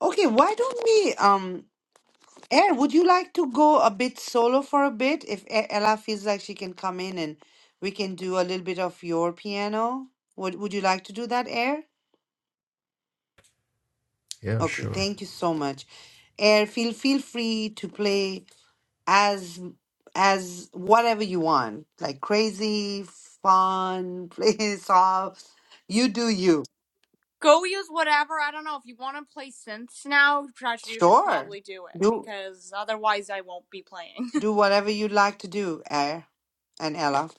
Speaker 1: Okay, why don't we, um, Aaron, would you like to go a bit solo for a bit if E- Ella feels like she can come in and we can do a little bit of your piano? Would, would you like to do that, Air?
Speaker 3: Yeah,
Speaker 1: Okay,
Speaker 3: sure.
Speaker 1: thank you so much. Air, feel feel free to play as as whatever you want, like crazy, fun, (laughs) play soft. You do you. Sure. Do do whatever you like to do, Air and Ella.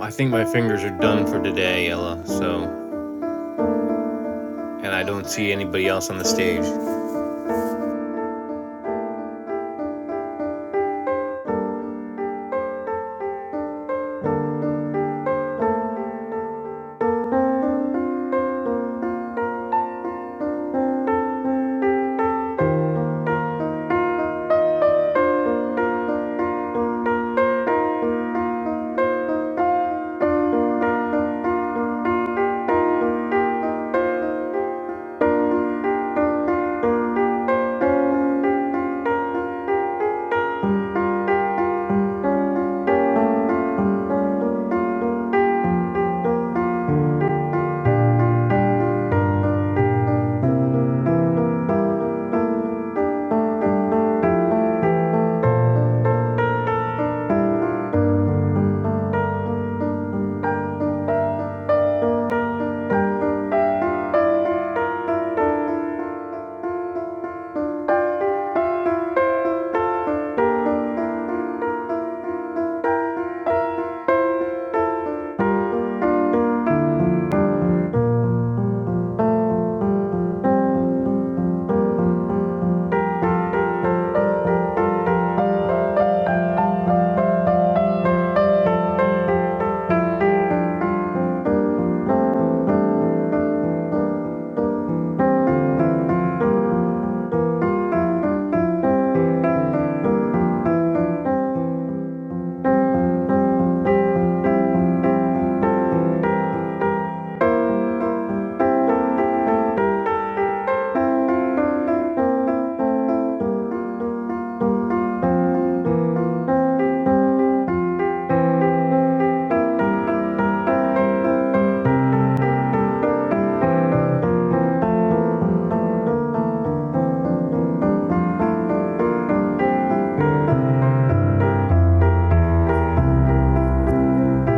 Speaker 2: I think my fingers are done for today, Ella. So, and I don't see anybody else on the stage.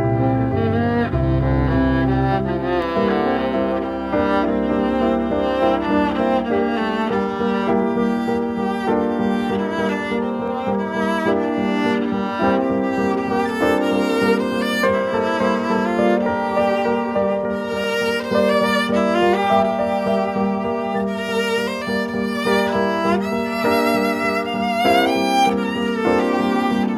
Speaker 5: Thank you. Thank you.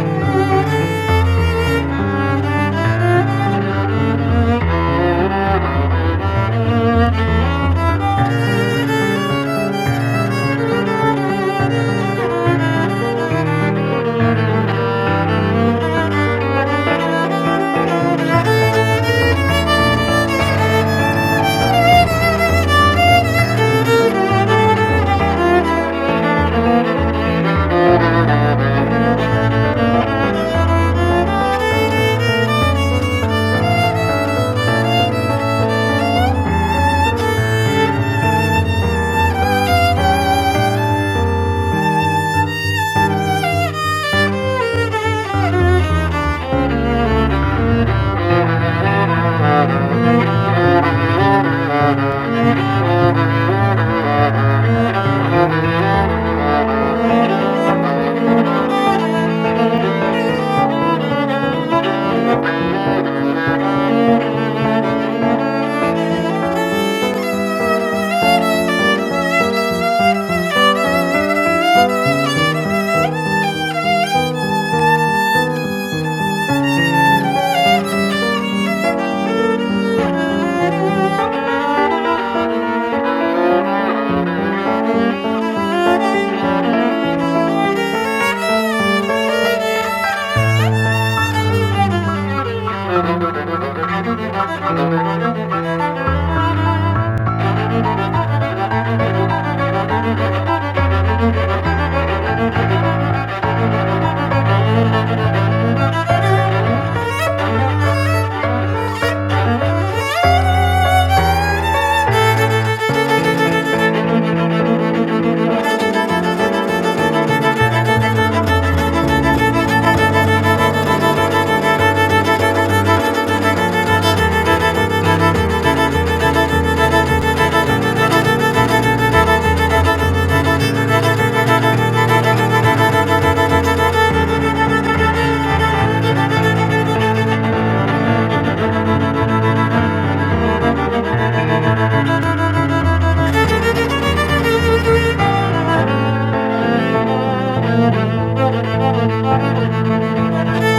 Speaker 5: Thank you. Thank you. Thank you. Thank you. Thank you. Thank you.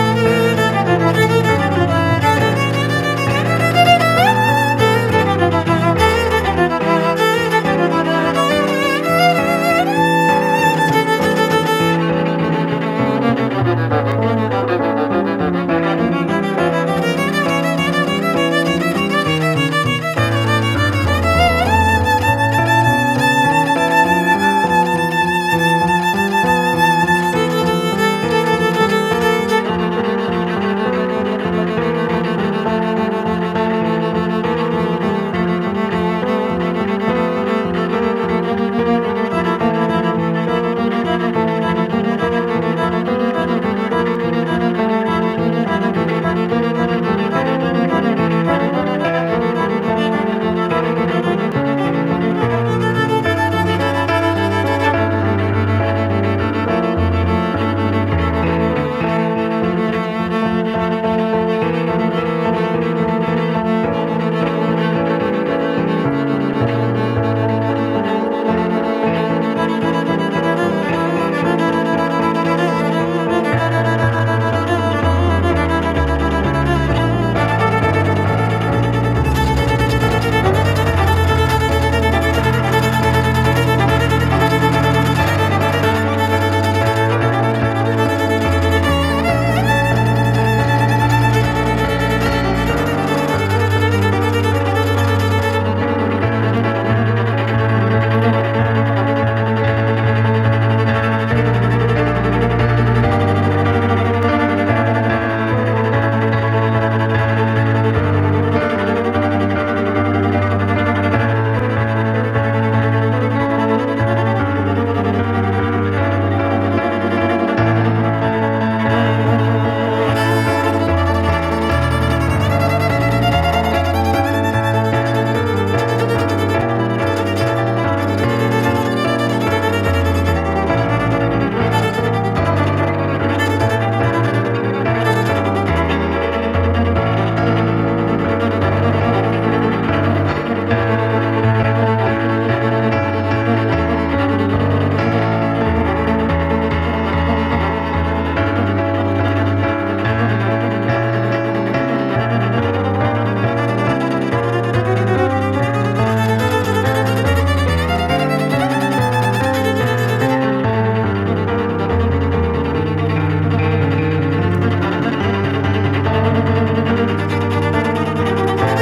Speaker 5: Thank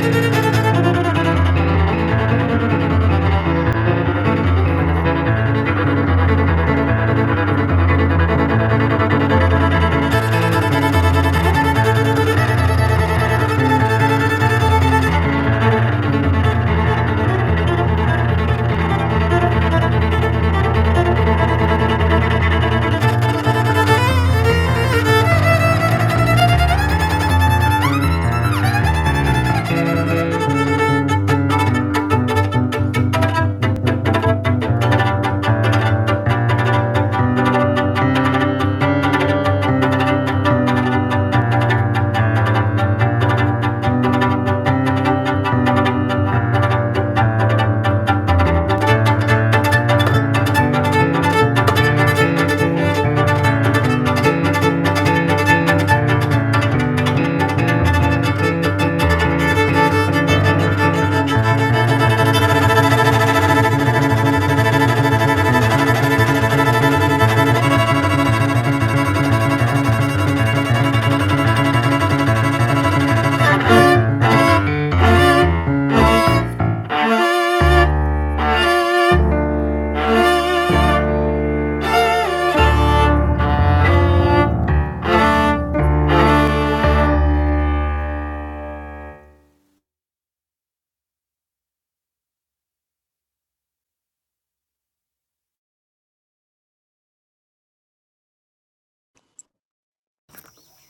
Speaker 5: you.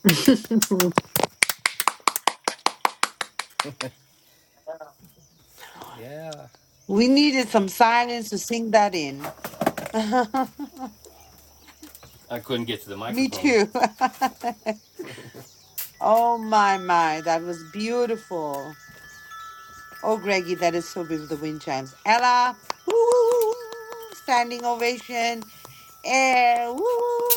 Speaker 1: (laughs)
Speaker 2: Yeah.
Speaker 1: We needed some silence to sing that in. (laughs)
Speaker 2: I couldn't get to the
Speaker 1: Me
Speaker 2: microphone.
Speaker 1: too. (laughs) oh my my, that was beautiful. Oh, Greggy, that is so beautiful. The wind chimes. Ella, woo, standing ovation. Air, woo,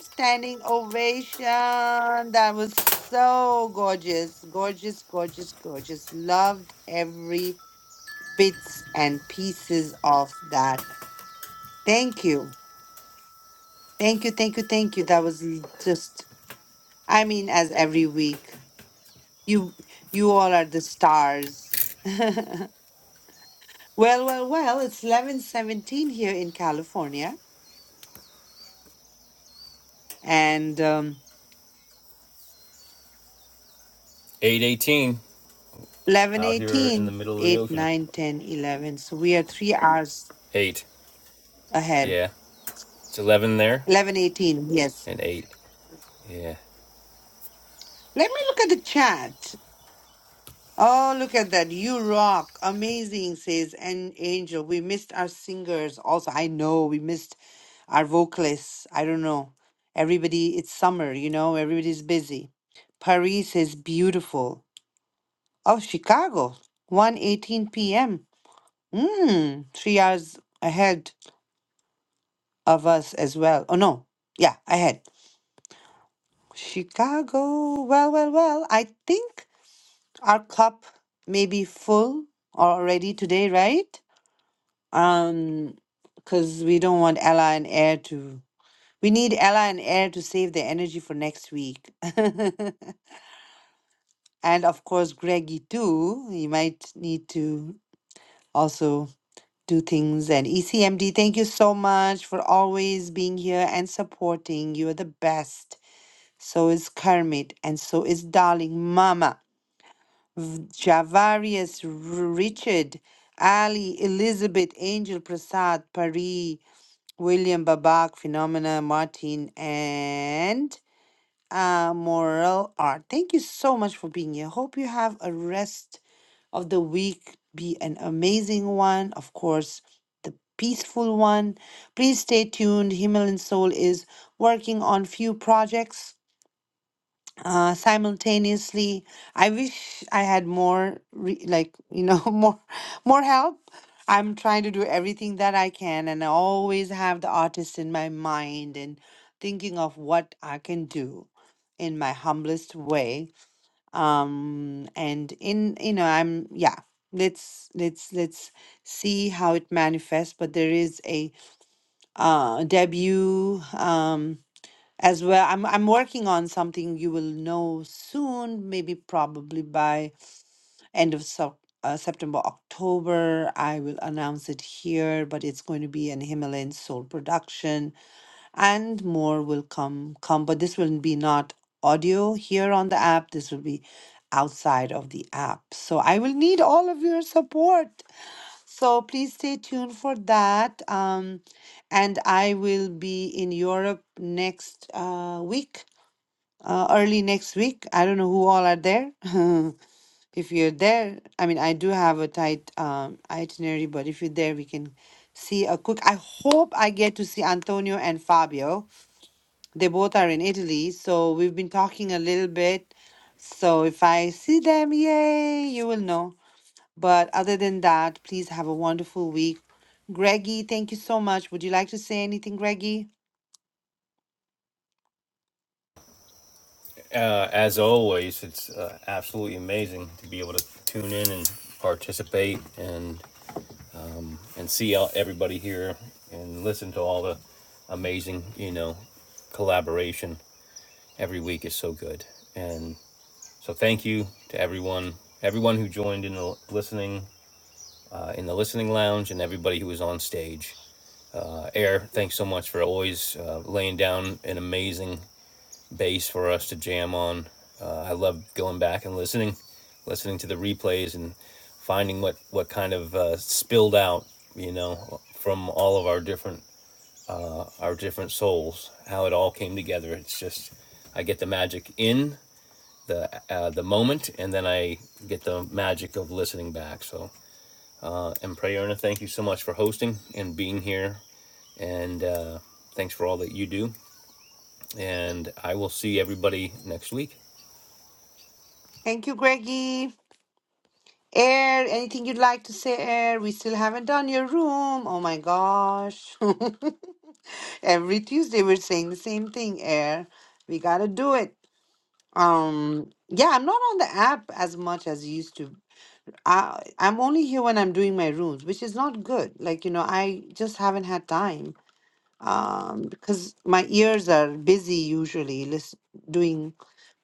Speaker 1: standing ovation. That was so gorgeous. Gorgeous, gorgeous, gorgeous. Loved every bits and pieces of that. Thank you. Thank you, thank you, thank you. That was l- just, I mean, as every week, you you all are the stars. (laughs) Well, well, well, it's 11:17 here in California and um
Speaker 2: 818 Out here in the
Speaker 1: 11:18,
Speaker 2: middle of the
Speaker 1: 8,
Speaker 2: ocean.
Speaker 1: nine, ten, eleven. So we are 3 hours
Speaker 2: 8.
Speaker 1: ahead.
Speaker 2: Yeah. It's 11 there
Speaker 1: 11:18. Yes.
Speaker 2: and 8. Yeah.
Speaker 1: Let me look at the chat. Oh, look at that. You rock. Amazing says and Angel. We missed our singers also. I know we missed our vocalists. I don't know. Everybody it's summer, you know, everybody's busy. Paris is beautiful. Oh, Chicago. one eighteen p.m. Mm, three hours ahead of us as well. Oh, no. Yeah, ahead. Chicago. Well, well, well. I think our cup may be full already today, right? Um, because we don't want Ella and Air to. We need Ella and Air to save their energy for next week. (laughs) and of course, Greggy too. He might need to also. do things. And ECMD, thank you so much for always being here and supporting. You're the best. So is Kermit, and so is Darling Mama, Javarius, R- Richard, Ali, Elizabeth, Angel, Prasad, Pari, William, Babak, Phenomena, Martin, and uh, Moral Art. Thank you so much for being here. Hope you have a rest of the week be an amazing one, of course, the peaceful one. Please stay tuned. Himalayan Soul is working on few projects uh, simultaneously. I wish I had more, re- like you know, (laughs) more more help. I'm trying to do everything that I can, and I always have the artist in my mind and thinking of what I can do in my humblest way um and in you know i'm yeah let's let's let's see how it manifests but there is a uh debut um as well i'm i'm working on something you will know soon maybe probably by end of Sep- uh, september october i will announce it here but it's going to be an himalayan soul production and more will come come but this will be not audio here on the app this will be outside of the app so i will need all of your support so please stay tuned for that um, and i will be in europe next uh, week uh, early next week i don't know who all are there (laughs) if you're there i mean i do have a tight um, itinerary but if you're there we can see a quick i hope i get to see antonio and fabio they both are in Italy, so we've been talking a little bit. So if I see them, yay, you will know. But other than that, please have a wonderful week. Greggy, thank you so much. Would you like to say anything, Greggy?
Speaker 2: Uh, as always, it's uh, absolutely amazing to be able to tune in and participate and and see all, everybody here and listen to all the amazing, you know, collaboration every week is so good. And so thank you to everyone, everyone who joined in the listening in the listening lounge and everybody who was on stage. Uh, Air, thanks so much for always uh, laying down an amazing bass for us to jam on. Uh, I love going back and listening, listening to the replays and finding what what kind of uh, spilled out, you know, from all of our different our different souls, how it all came together. It's just I get the magic in the uh, the moment, and then I get the magic of listening back. So, uh, and Prayerna, thank you so much for hosting and being here And uh, thanks for all that you do. And I will see everybody next week.
Speaker 1: Thank you, Greggy. Air, anything you'd like to say, Air? We still haven't done your room. Oh my gosh. (laughs) Every Tuesday we're saying the same thing, Air. We gotta do it. Um, yeah, I'm not on the app as much as I used to I I'm only here when I'm doing my rooms, which is not good. Like, you know, I just haven't had time um because my ears are busy usually listen, doing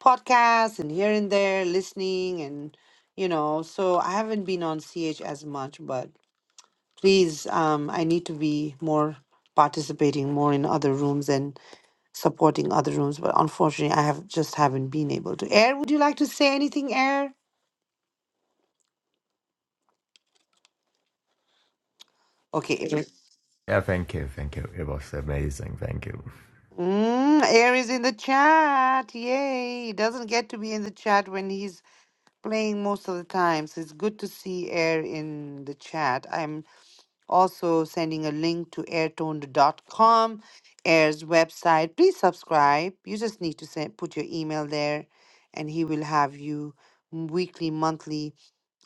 Speaker 1: podcasts and here and there listening and you know, so I haven't been on CH as much, but please um I need to be more participating more in other rooms and supporting other rooms, but unfortunately I have just haven't been able to. Air, would you like to say anything, Air? Okay,
Speaker 3: Yeah, thank you, thank you. It was amazing. Thank you.
Speaker 1: Mm, Air is in the chat. Yay. He doesn't get to be in the chat when he's playing most of the time. So it's good to see Air in the chat. I'm also sending a link to airtoned.com, Air's website. Please subscribe. You just need to send, put your email there, and he will have you weekly, monthly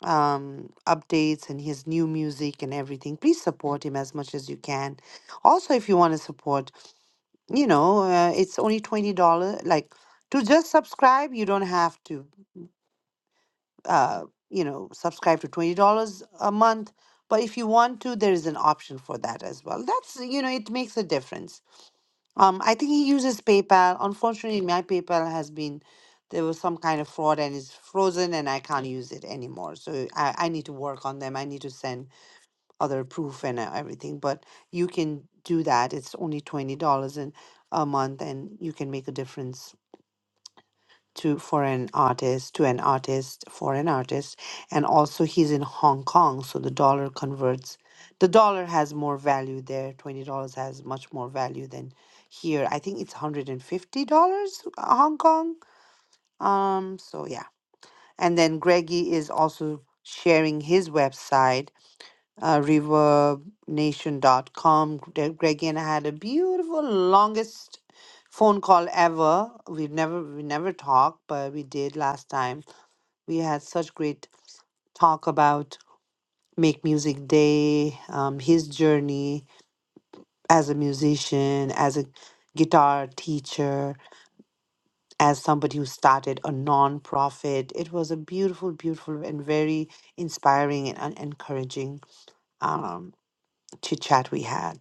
Speaker 1: um, updates and his new music and everything. Please support him as much as you can. Also, if you want to support, you know, uh, it's only $20. Like to just subscribe, you don't have to, uh, you know, subscribe to $20 a month. But if you want to, there is an option for that as well. That's, you know, it makes a difference. Um, I think he uses PayPal. Unfortunately, my PayPal has been, there was some kind of fraud and it's frozen and I can't use it anymore. So I, I need to work on them. I need to send other proof and uh, everything, but you can do that. It's only twenty dollars in a month, and you can make a difference to for an artist, to an artist, for an artist, and also he's in Hong Kong, so the dollar converts. The dollar has more value there. Twenty dollars has much more value than here. I think it's hundred and fifty dollars uh, Hong Kong. Um. So yeah, and then Greggy is also sharing his website uh, reverbnation.com. Gre- Greg and I had a beautiful, longest phone call ever. We've never we never talked, but we did last time. We had such great talk about Make Music Day, um, his journey as a musician, as a guitar teacher, as somebody who started a nonprofit. It was a beautiful, beautiful, and very inspiring and, and encouraging um, chit chat we had.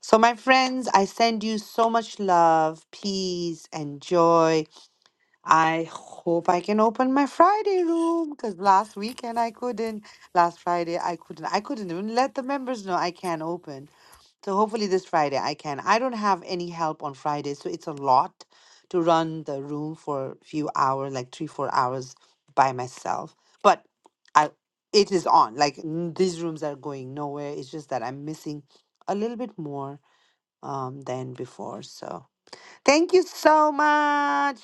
Speaker 1: So, my friends, I send you so much love, peace, and joy. I hope I can open my Friday room because last weekend I couldn't. Last Friday I couldn't. I couldn't even let the members know I can't open. So, hopefully, this Friday I can. I don't have any help on Friday, so it's a lot to run the room for a few hours, like three, four hours by myself. But I, it is on. Like, n- these rooms are going nowhere. It's just that I'm missing a little bit more um, than before. So thank you so much.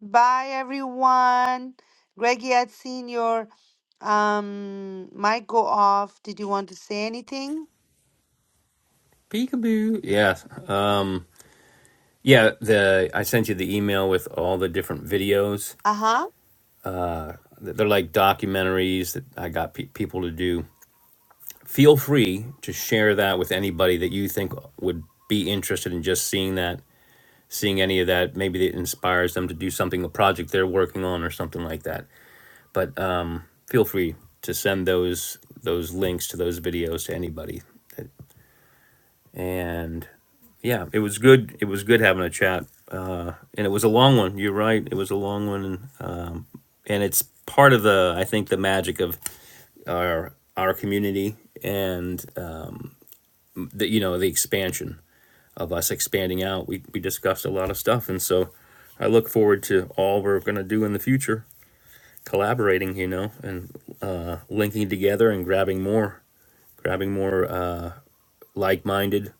Speaker 1: Bye, everyone. Greggy, I'd seen your um, mic go off. Did you want to say anything?
Speaker 2: Peekaboo. Yeah. Um, yeah. The I sent you the email with all the different videos.
Speaker 1: Uh huh.
Speaker 2: Uh, they're like documentaries that I got pe- people to do. Feel free to share that with anybody that you think would be interested in just seeing that, seeing any of that. Maybe it inspires them to do something, a project they're working on, or something like that. But um, feel free to send those those links to those videos to anybody. And yeah, it was good. It was good having a chat, uh, and it was a long one. You're right. It was a long one, um, and it's part of the I think the magic of our our community and um, the you know the expansion of us expanding out. We we discussed a lot of stuff, and so I look forward to all we're gonna do in the future collaborating, you know, and uh, linking together and grabbing more, grabbing more uh, like-minded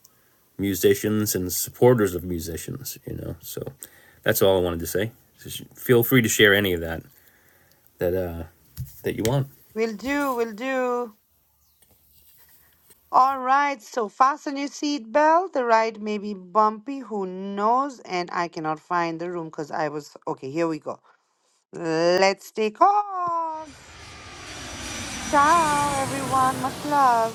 Speaker 2: musicians and supporters of musicians, you know. So that's all I wanted to say. Just feel free to share any of that that uh, that you want.
Speaker 1: Will do, will do. All right, so fasten your seatbelt. The ride may be bumpy, who knows? And I cannot find the room because I was. Okay, here we go. Let's take off. Ciao, everyone. Much love.